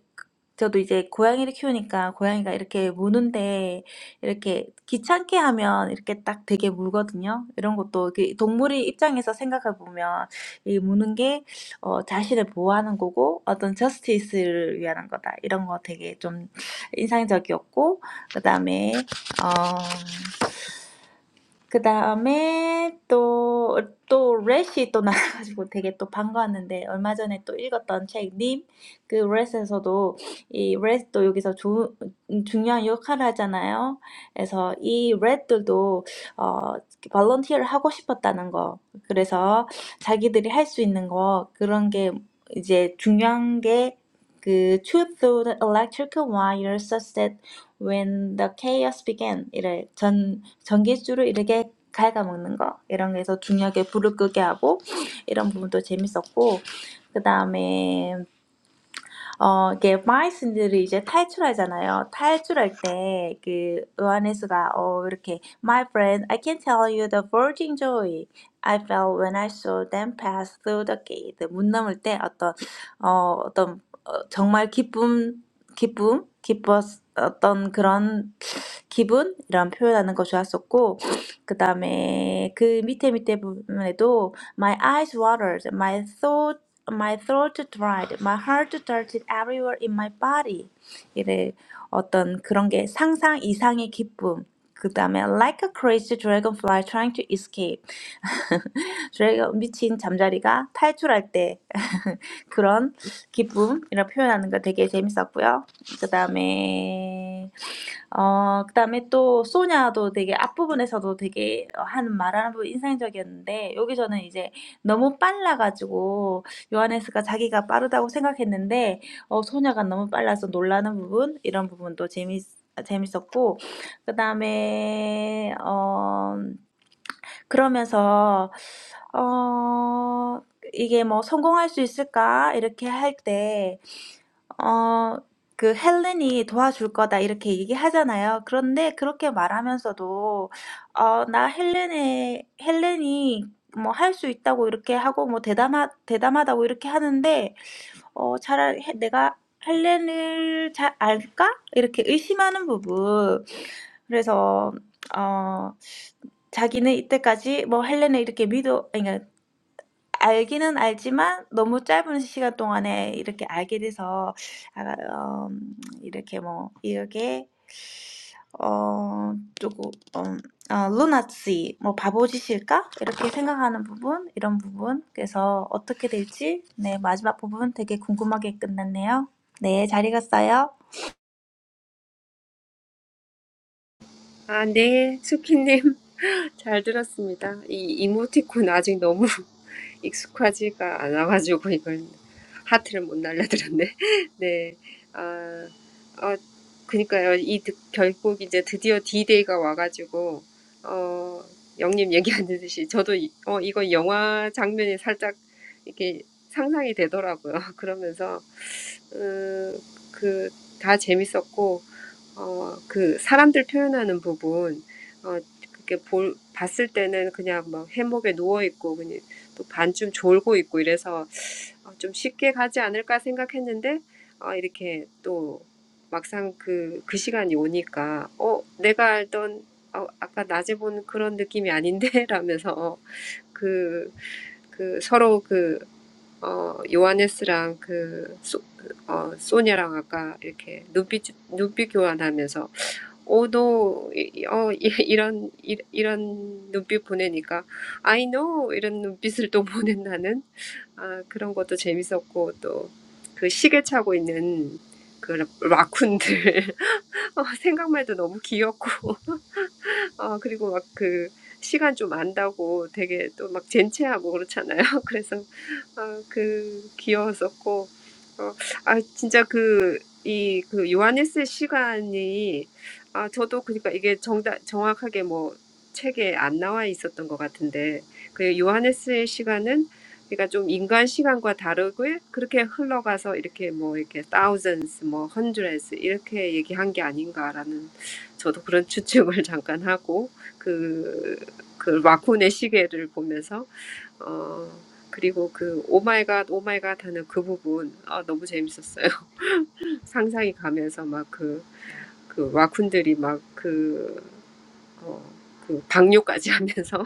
S3: 저도 이제 고양이를 키우니까 고양이가 이렇게 무는데 이렇게 귀찮게 하면 이렇게 딱 되게 물거든요. 이런 것도 그 동물의 입장에서 생각해 보면 이 무는 게 어, 자신을 보호하는 거고 어떤 저스티스를 위한 거다. 이런 거 되게 좀 인상적이었고 그다음에 어, 그 다음에 또, 또, 렛이 또 나와가지고 되게 또 반가웠는데, 얼마 전에 또 읽었던 책, 님, 그 렛에서도, 이 렛도 여기서 조, 중요한 역할을 하잖아요. 그래서 이 렛들도, 어, 발런티어를 하고 싶었다는 거. 그래서 자기들이 할수 있는 거, 그런 게 이제 중요한 게, 그, shoot through the electrical wires such that when the chaos began, 이래 전 전기줄을 이렇게 갉아먹는 거 이런 게서 중요하게 불을 끄게 하고 이런 부분도 재밌었고 그 다음에 어 이게 마이슨들이 이제 탈출하잖아요. 탈출할 때그 요하네스가 어 이렇게 My friend, I can tell you the virgin joy I felt when I saw them pass through the gate. 문 넘을 때 어떤 어 어떤 어, 정말 기쁨 기쁨 기뻤 어떤 그런 기분 이런 표현하는 거 좋았었고 그 다음에 그 밑에 밑에 부분에도 my eyes watered, my throat my throat dried, my heart darted everywhere in my body. 이래 어떤 그런 게 상상 이상의 기쁨. 그 다음에 like a crazy dragonfly trying to escape. 저희가 미친 잠자리가 탈출할 때 그런 기쁨이라고 표현하는 거 되게 재밌었고요. 그 다음에 어그 다음에 또 소냐도 되게 앞부분에서도 되게 하는 말하는 부분 인상적이었는데 여기서는 이제 너무 빨라가지고 요하네스가 자기가 빠르다고 생각했는데 어 소냐가 너무 빨라서 놀라는 부분 이런 부분도 재밌 재밌었고 그 다음에 어. 그러면서 어 이게 뭐 '성공할 수 있을까?' 이렇게 할 때 어 그 헬렌이 "도와줄 거다." 이렇게 얘기하잖아요. 그런데 그렇게 말하면서도 어 나 헬렌의 헬렌이 뭐 "할 수 있다."고 이렇게 하고 뭐 "대담하 대담하다."고 이렇게 하는데 어 차라리 해 '내가 할잘 알까?' 이렇게 의심하는 부분. 그래서 어 자기는 이때까지 뭐 헬렌을 이렇게 믿어 아니 그러니까 알기는 알지만 너무 짧은 시간 동안에 이렇게 알게 돼서 아음 이렇게 뭐 이렇게 어, 조금, 음, 아, 루나씨, 뭐 바보짓일까? 이렇게 생각하는 부분, 이런 부분. 그래서 어떻게 될지, 네, 마지막 부분 되게 궁금하게 끝났네요. 네, 잘 읽었어요.
S2: 아, 네, 스키님. 잘 들었습니다. 이 이모티콘 아직 너무 익숙하지가 않아가지고 이걸 하트를 못 날려드렸네. 네. 아, 어, 그니까요. 이 드, 결국 이제 드디어 D-Day가 와가지고, 어, 영님 얘기하듯이 저도 이, 어, 이거 영화 장면이 살짝 이렇게 상상이 되더라고요. 그러면서, 음, 그, 다 재밌었고, 어, 그 사람들 표현하는 부분, 어, 그게 볼, 봤을 때는 그냥 막 해먹에 누워있고, 그냥 또 반쯤 졸고 있고 이래서 어, 좀 쉽게 가지 않을까 생각했는데, 어, 이렇게 또 막상 그, 그 시간이 오니까, 어, 내가 알던, 어, 아까 낮에 본 그런 느낌이 아닌데? 라면서 그, 그 서로 그, 어, 요하네스랑 그, 소, 어, 소냐랑 아까 이렇게 눈빛, 눈빛 교환하면서 오도 이- 어 이- 이런 이- 이런 눈빛 보내니까 I know 이런 눈빛을 또 보낸 나는 아 그런 것도 재밌었고 또 그 시계 차고 있는 그 라- 라쿤들 어, 생각만 해도 너무 귀엽고 어 그리고 막 그 시간 좀 안다고 되게 또 막 젠체하고 그렇잖아요 그래서 어, 그 귀여웠었고 어, 아 진짜 이 그 요하네스의 시간이 아 저도 그러니까 이게 정다 정확하게 뭐 책에 안 나와 있었던 것 같은데 그 요하네스의 시간은 그러니까 좀 인간 시간과 다르고 그렇게 흘러가서 이렇게 뭐 이렇게 thousands 뭐 hundreds 이렇게 얘기한 게 아닌가라는 저도 그런 추측을 잠깐 하고 그그 라쿤의 시계를 보면서 어 그리고 그 오마이갓 오마이갓 하는 그 부분 아 너무 재밌었어요. 상상이 가면서 막 그, 그 와쿤들이 막 그, 어, 그 방뇨까지 하면서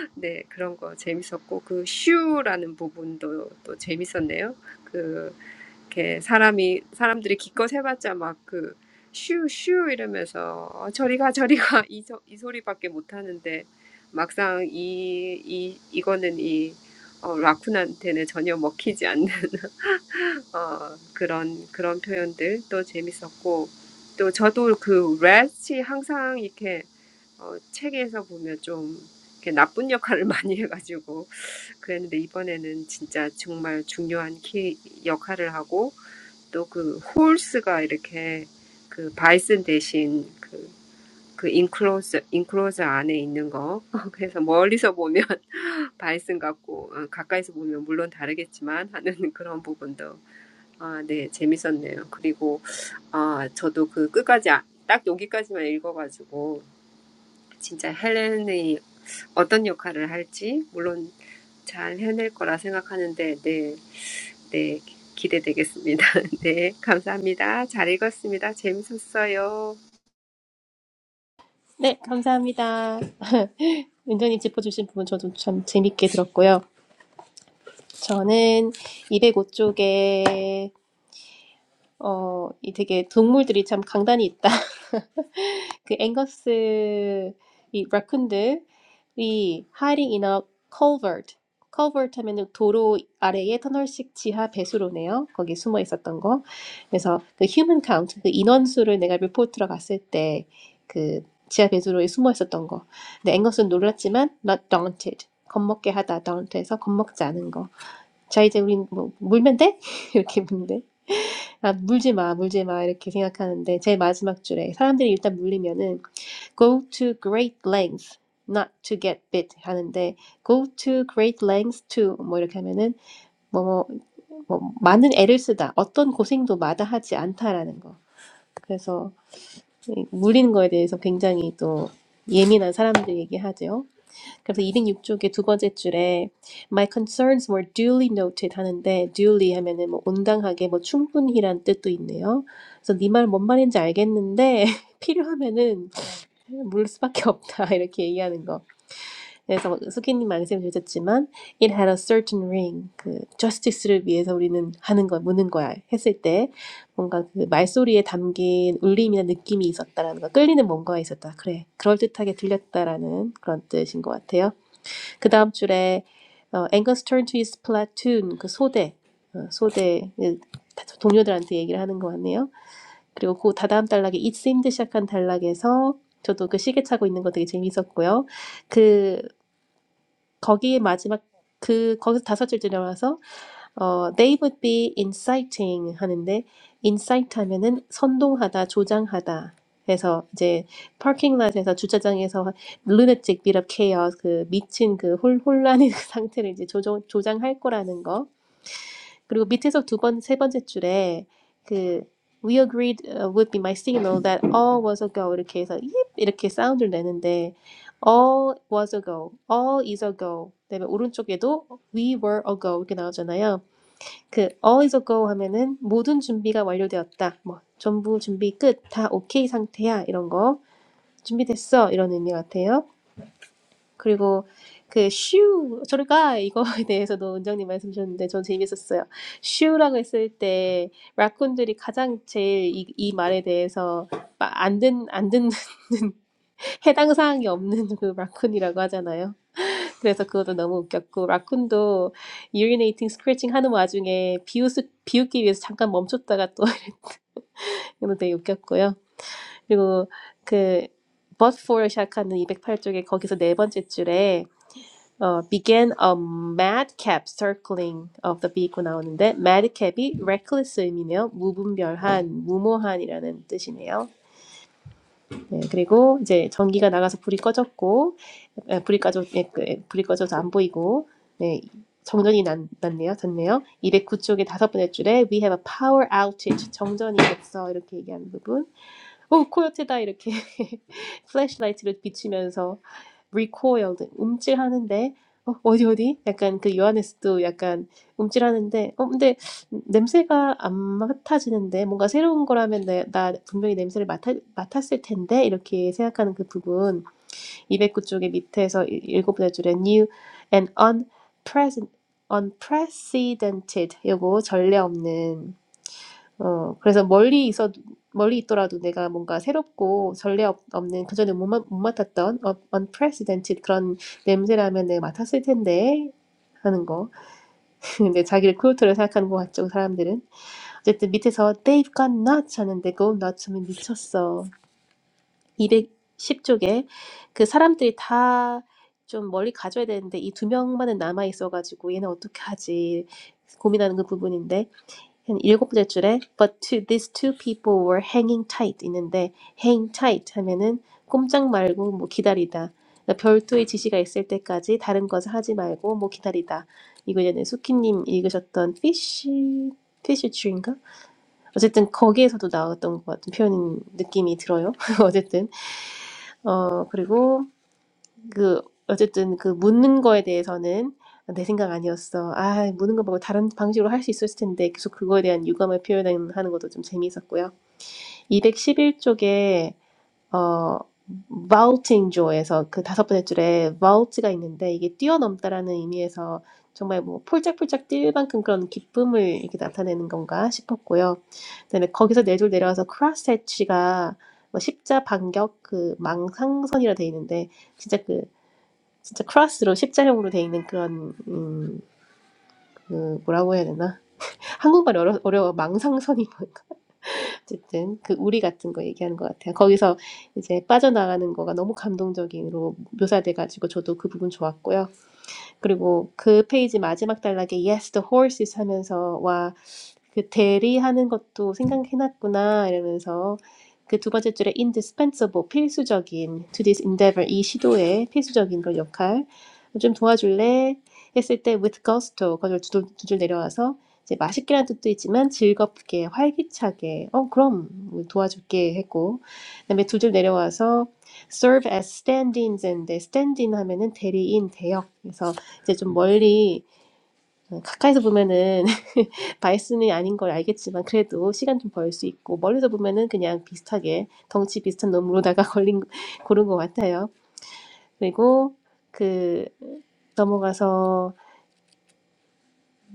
S2: 네 그런 거 재밌었고 그 슈라는 부분도 또 재밌었네요. 그 이렇게 사람이 사람들이 기껏 해봤자 막그 막그슈슈 이러면서 어, 저리가 저리가 이, 소, 이 소리밖에 못 하는데 막상 이 이 이거는 이 어, 라쿤한테는 전혀 먹히지 않는 어, 그런 그런 표현들도 재밌었고 또 저도 그 렛이 항상 이렇게 어, 책에서 보면 좀 이렇게 나쁜 역할을 많이 해가지고 그랬는데 이번에는 진짜 정말 중요한 키 역할을 하고 또 그 홀스가 이렇게 그 바이슨 대신 그 그 인클로저 인클로저 안에 있는 거 그래서 멀리서 보면 바이슨 같고 어, 가까이서 보면 물론 다르겠지만 하는 그런 부분도 아, 네, 재밌었네요. 그리고 아, 저도 그 끝까지 아, 딱 여기까지만 읽어가지고 진짜 헬렌이 어떤 역할을 할지 물론 잘 해낼 거라 생각하는데 네, 네, 기대되겠습니다. 네, 감사합니다. 잘 읽었습니다. 재밌었어요.
S1: 네, 감사합니다. 은정님 짚어주신 부분 저도 참 재밌게 들었고요. 저는 이백오 쪽에 어, 이 되게 동물들이 참 강단이 있다. 그 앵거스 이 라쿤들이 hiding in a culvert. culvert 하면은 도로 아래의 터널식 지하 배수로네요. 거기 숨어 있었던 거. 그래서 그 human count, 그 인원수를 내가 리포트로 갔을 때 그 지하 배수로에 숨어 있었던 거. 근데 앵거스는 놀랐지만 not daunted. 겁먹게 하다, daunted에서 겁먹지 않은 거. 자, 이제 우린 뭐 물면 돼? 이렇게 묻는데. 아, 물지 마, 물지 마, 이렇게 생각하는데, 제일 마지막 줄에, 사람들이 일단 물리면은, go to great lengths not to get bit 하는데 go to great lengths to 뭐 이렇게 하면은 뭐뭐 뭐, 뭐 많은 애를 쓰다 어떤 고생도 마다하지 않다라는 거 그래서 이 물리는 거에 대해서 굉장히 또 예민한 사람들 얘기하죠. 그래서 206쪽의 두 번째 줄에 My concerns were duly noted 하는데 duly 하면은 뭐 온당하게 뭐 충분히란 뜻도 있네요. 그래서 네 말 뭔 말인지 알겠는데 필요하면은 물 수밖에 없다 이렇게 얘기하는 거. 네, 그래서 수기님 말씀 주셨지만 it had a certain ring. 그 justice를 위해서 우리는 하는 거 묻는 거야 했을 때 뭔가 그 말소리에 담긴 울림이나 느낌이 있었다라는 거, 끌리는 뭔가가 있었다. 그래, 그럴 듯하게 들렸다라는 그런 뜻인 것 같아요. 그 다음 줄에 어, Angus turned to his platoon 그 소대 어, 소대 동료들한테 얘기를 하는 것 같네요. 그리고 그 다다음 단락에 It seemed 시작한 단락에서 저도 그 시계 차고 있는 거 되게 재미있었고요. 그 거기에 마지막 그 거기서 다섯 줄째 나와서 어, they would be inciting 하는데 incite 하면은 선동하다, 조장하다. 해서 이제 parking lot에서 주차장에서 lunatic bit of chaos 그 미친 그 혼, 혼란의 그 상태를 이제 조정, 조장할 거라는 거. 그리고 밑에서 두 번, 세 번째 줄에 그 we agreed uh, would be my signal that all was a go 이렇게 해서 yip 이렇게 사운드를 내는데 all was a go, all is a go. 그다음에 오른쪽에도 we were a go 이렇게 나오잖아요. 그 all is go 하면은 모든 준비가 완료되었다. 뭐 전부 준비 끝. 다 오케이 상태야. 이런 거. 준비됐어. 이런 의미 같아요. 그리고 그 슈, 저리가 이거에 대해서도 원장님 말씀 주셨는데 전 재밌었어요. 슈라고 했을 때 라쿤들이 가장 제일 이, 이 말에 대해서 안 듣, 안 듣는 해당 사항이 없는 그 라쿤이라고 하잖아요. 그래서 그것도 너무 웃겼고 라쿤도 urinating, scratching 하는 와중에 비웃, 비웃기 위해서 잠깐 멈췄다가 또 이거 되게 웃겼고요. 그리고 그 but for 시작하는 이백팔 쪽에 거기서 네 번째 줄에 어, began a madcap circling of the vehicle 나오는데 madcap이 reckless 의미네요. 무분별한, 무모한이라는 뜻이네요. 네, 그리고 이제 전기가 나가서 불이 꺼졌고 예, 브리까지 예, 그, 예, 브리까지도 안 보이고 네, 정전이 난, 났네요. 됐네요. 209쪽의 다섯 번째 줄에 we have a power outage 정전이 됐어. 이렇게 얘기하는 부분. 오 코요테다 이렇게 플래시라이트를 비추면서 recoiled 움찔하는데 어, 어디 어디 약간 그 요하네스도 약간 움찔하는데 어 근데 냄새가 안 맡아지는데 뭔가 새로운 거라면 내, 나 분명히 냄새를 맡아, 맡았을 텐데 이렇게 생각하는 그 부분 209쪽에 밑에서 일- 일곱 번째 줄에 new and unprecedented, unprecedented 요거 전례 없는 어 그래서 멀리 있어 멀리 있더라도 내가 뭔가 새롭고 전례 없는 그전에 못, 맡- 못 맡았던 unprecedented 그런 냄새라면 내가 맡았을 텐데 하는 거 근데 자기를 쿨트를 생각하는 것 같죠 사람들은 어쨌든 밑에서 they've gone nuts 하는데 go nuts면 미쳤어 210쪽에 그 사람들이 다 좀 멀리 가져야 되는데 이 두 명만은 남아 있어가지고 얘는 어떻게 하지 고민하는 그 부분인데 한 일곱 번째 줄에 but to these two people were hanging tight 있는데 hang tight 하면은 꼼짝 말고 뭐 기다리다 그러니까 별도의 지시가 있을 때까지 다른 것을 하지 말고 뭐 기다리다 이거 예전에 수키님 읽으셨던 fish fish tree인가 어쨌든 거기에서도 나왔던 것 같은 표현 느낌이 들어요 어쨌든 어, 그리고 그 어쨌든 그 묻는 거에 대해서는 내 생각 아니었어. 아, 묻는 거 말고 다른 방식으로 할 수 있었을 텐데 계속 그거에 대한 유감을 표현하는 것도 좀 재미있었고요. 이백십일 쪽에 어, vaulting joy에서 그 다섯 번째 줄에 vault가 있는데 이게 뛰어넘다라는 의미에서 정말 뭐 폴짝폴짝 뛸 만큼 그런 기쁨을 이렇게 나타내는 건가 싶었고요. 그다음에 거기서 네 줄 내려와서 cross hatch가 뭐 십자 반격 그 망상선이라 돼 있는데 진짜 그 진짜 크로스로 십자형으로 돼 있는 그런 음, 그 뭐라고 해야 되나? 한국말 어려, 어려워 망상선이 어쨌든 그 우리 같은 거 얘기하는 것 같아요. 거기서 이제 빠져나가는 거가 너무 감동적으로 묘사돼가지고 저도 그 부분 좋았고요. 그리고 그 페이지 마지막 단락에 Yes, the horses 하면서 와 that's going to be a little bit more difficult. 바이슨이 아닌 걸 알겠지만 그래도 시간 좀 벌 수 있고 멀리서 보면은 그냥 비슷하게 덩치 비슷한 놈으로다가 걸린 고른 것 같아요. 그리고 그 넘어가서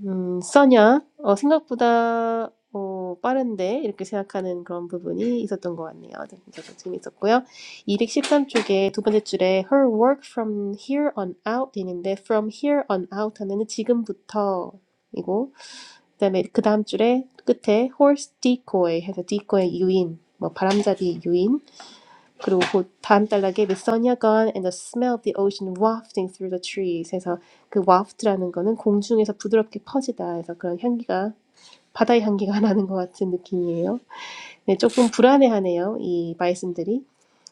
S1: 음, 써냐? 어, 생각보다 어, 빠른데 이렇게 생각하는 그런 부분이 있었던 것 같네요. 네, 저도 재밌었고요. 이백십삼 쪽에 두 번째 줄에 her work from here on out 돼 있는데 from here on out 하면은 지금부터이고 그다음에 그 다음 줄에 끝에 horse decoy 해서 decoy 유인, 뭐 바람잡이 유인 그리고 담달락에 the sun had gone and the smell of the ocean wafting through the trees. 해서 그 waft라는 거는 공중에서 부드럽게 퍼지다. 해서 그런 향기가 바다의 향기가 나는 것 같은 느낌이에요. 네, 조금 불안해하네요. 이 말씀들이.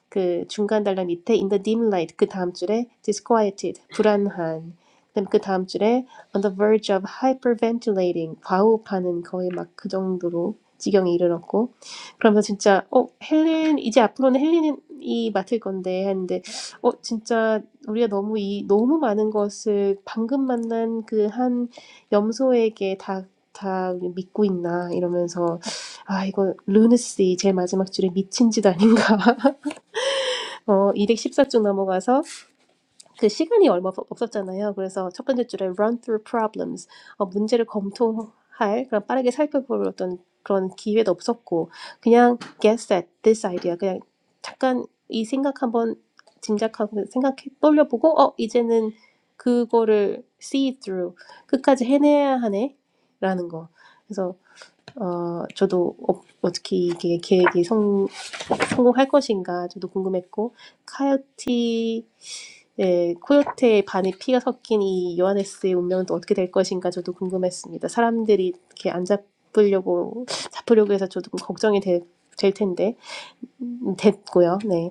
S1: 그 중간 단락 밑에 in the dim light 그 다음 줄에 disquieted 불안한 그다음 그 다음 줄에 on the verge of hyperventilating 과호흡하는 거의 막 그 정도로 지경에 이르렀고 그러면서 진짜 어 헬렌 이제 앞으로는 헬렌이 맡을 건데 했는데 어 진짜 우리가 너무 이 너무 많은 것을 방금 만난 그 한 염소에게 다 다 믿고 있나 이러면서 아 이거 루느스 제일 마지막 줄에 미친 짓 아닌가 어, 이백십사 쪽 넘어가서 그 시간이 얼마 없- 없었잖아요. 그래서 첫 번째 줄에 run through problems, 어, 문제를 검토할, 그런 빠르게 살펴볼 어떤 그런 기회도 없었고, 그냥 guess at this idea, 그냥 잠깐 이 생각 한번 짐작하고 생각해 떠올려보고, 어, 이제는 그거를 see through, 끝까지 해내야 하네, 라는 거. 그래서, 어, 저도 어, 어떻게 이게 계획이 성공할 것인가 저도 궁금했고 카요티의 코요테의 반에 피가 섞인 이 요하네스의 운명은 또 어떻게 될 것인가 저도 궁금했습니다. 사람들이 이렇게 안 잡으려고 잡으려고 해서 저도 좀 걱정이 되, 될 텐데 음, 됐고요. 네.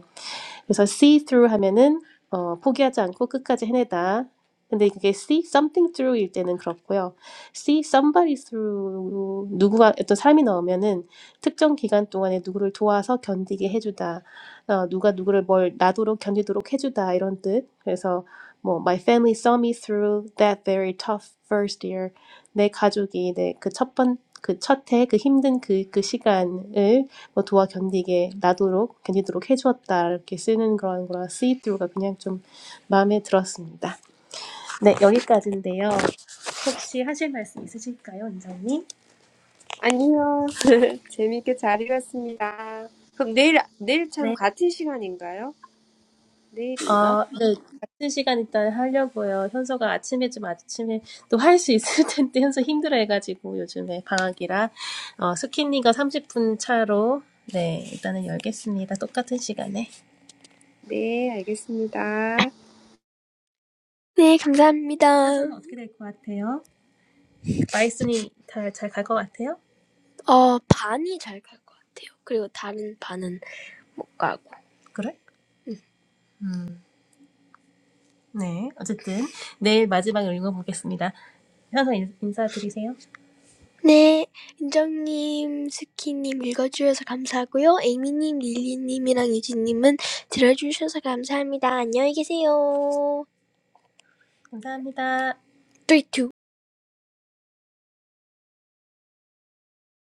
S1: 그래서 see through 하면은 어, 포기하지 않고 끝까지 해내다. 근데 그게 see something through일 때는 그렇고요. see somebody through 누구가 어떤 사람이 나오면은 특정 기간 동안에 누구를 도와서 견디게 해주다. 어, 누가 누구를 뭘 나도록 견디도록 해주다 이런 뜻. 그래서 뭐 my family saw me through that very tough first year. 내 가족이 내 그 첫 번 그 첫해 그 힘든 그 그 시간을 도와 견디게 나도록 견디도록 해주었다 이렇게 쓰는 그런 거라 see through가 그냥 좀 마음에 들었습니다. 네 여기까지인데요. 혹시 하실 말씀 있으실까요, 원장님?
S2: 아니요, 재밌게 잘 읽었습니다. 그럼 내일 내일 참
S1: 네.
S2: 같은 시간인가요? 내일인가?
S1: 어, 네, 같은 시간 일단 하려고요. 현서가 아침에 좀 아침에 또 할 수 있을 텐데 현서 힘들어해가지고 요즘에 방학이라 어, 스킨니가 30분 차로 네 일단은 열겠습니다. 똑같은 시간에.
S2: 네, 알겠습니다.
S1: 어떻게 될 것 같아요? 마이슨이 잘 잘 갈 것 같아요? 어, 반이 잘 갈 것 같아요. 그리고 다른 반은 못 가고. 그래? 음. 네. 어쨌든 내일 마지막을 읽어보겠습니다. 현서 인- 인사드리세요. 네, 인정님, 스키님 읽어주셔서 감사하고요. 에이미님, 릴리님이랑 유진님은 들어주셔서 감사합니다. 안녕히 계세요. 감사합니다. 3, 2,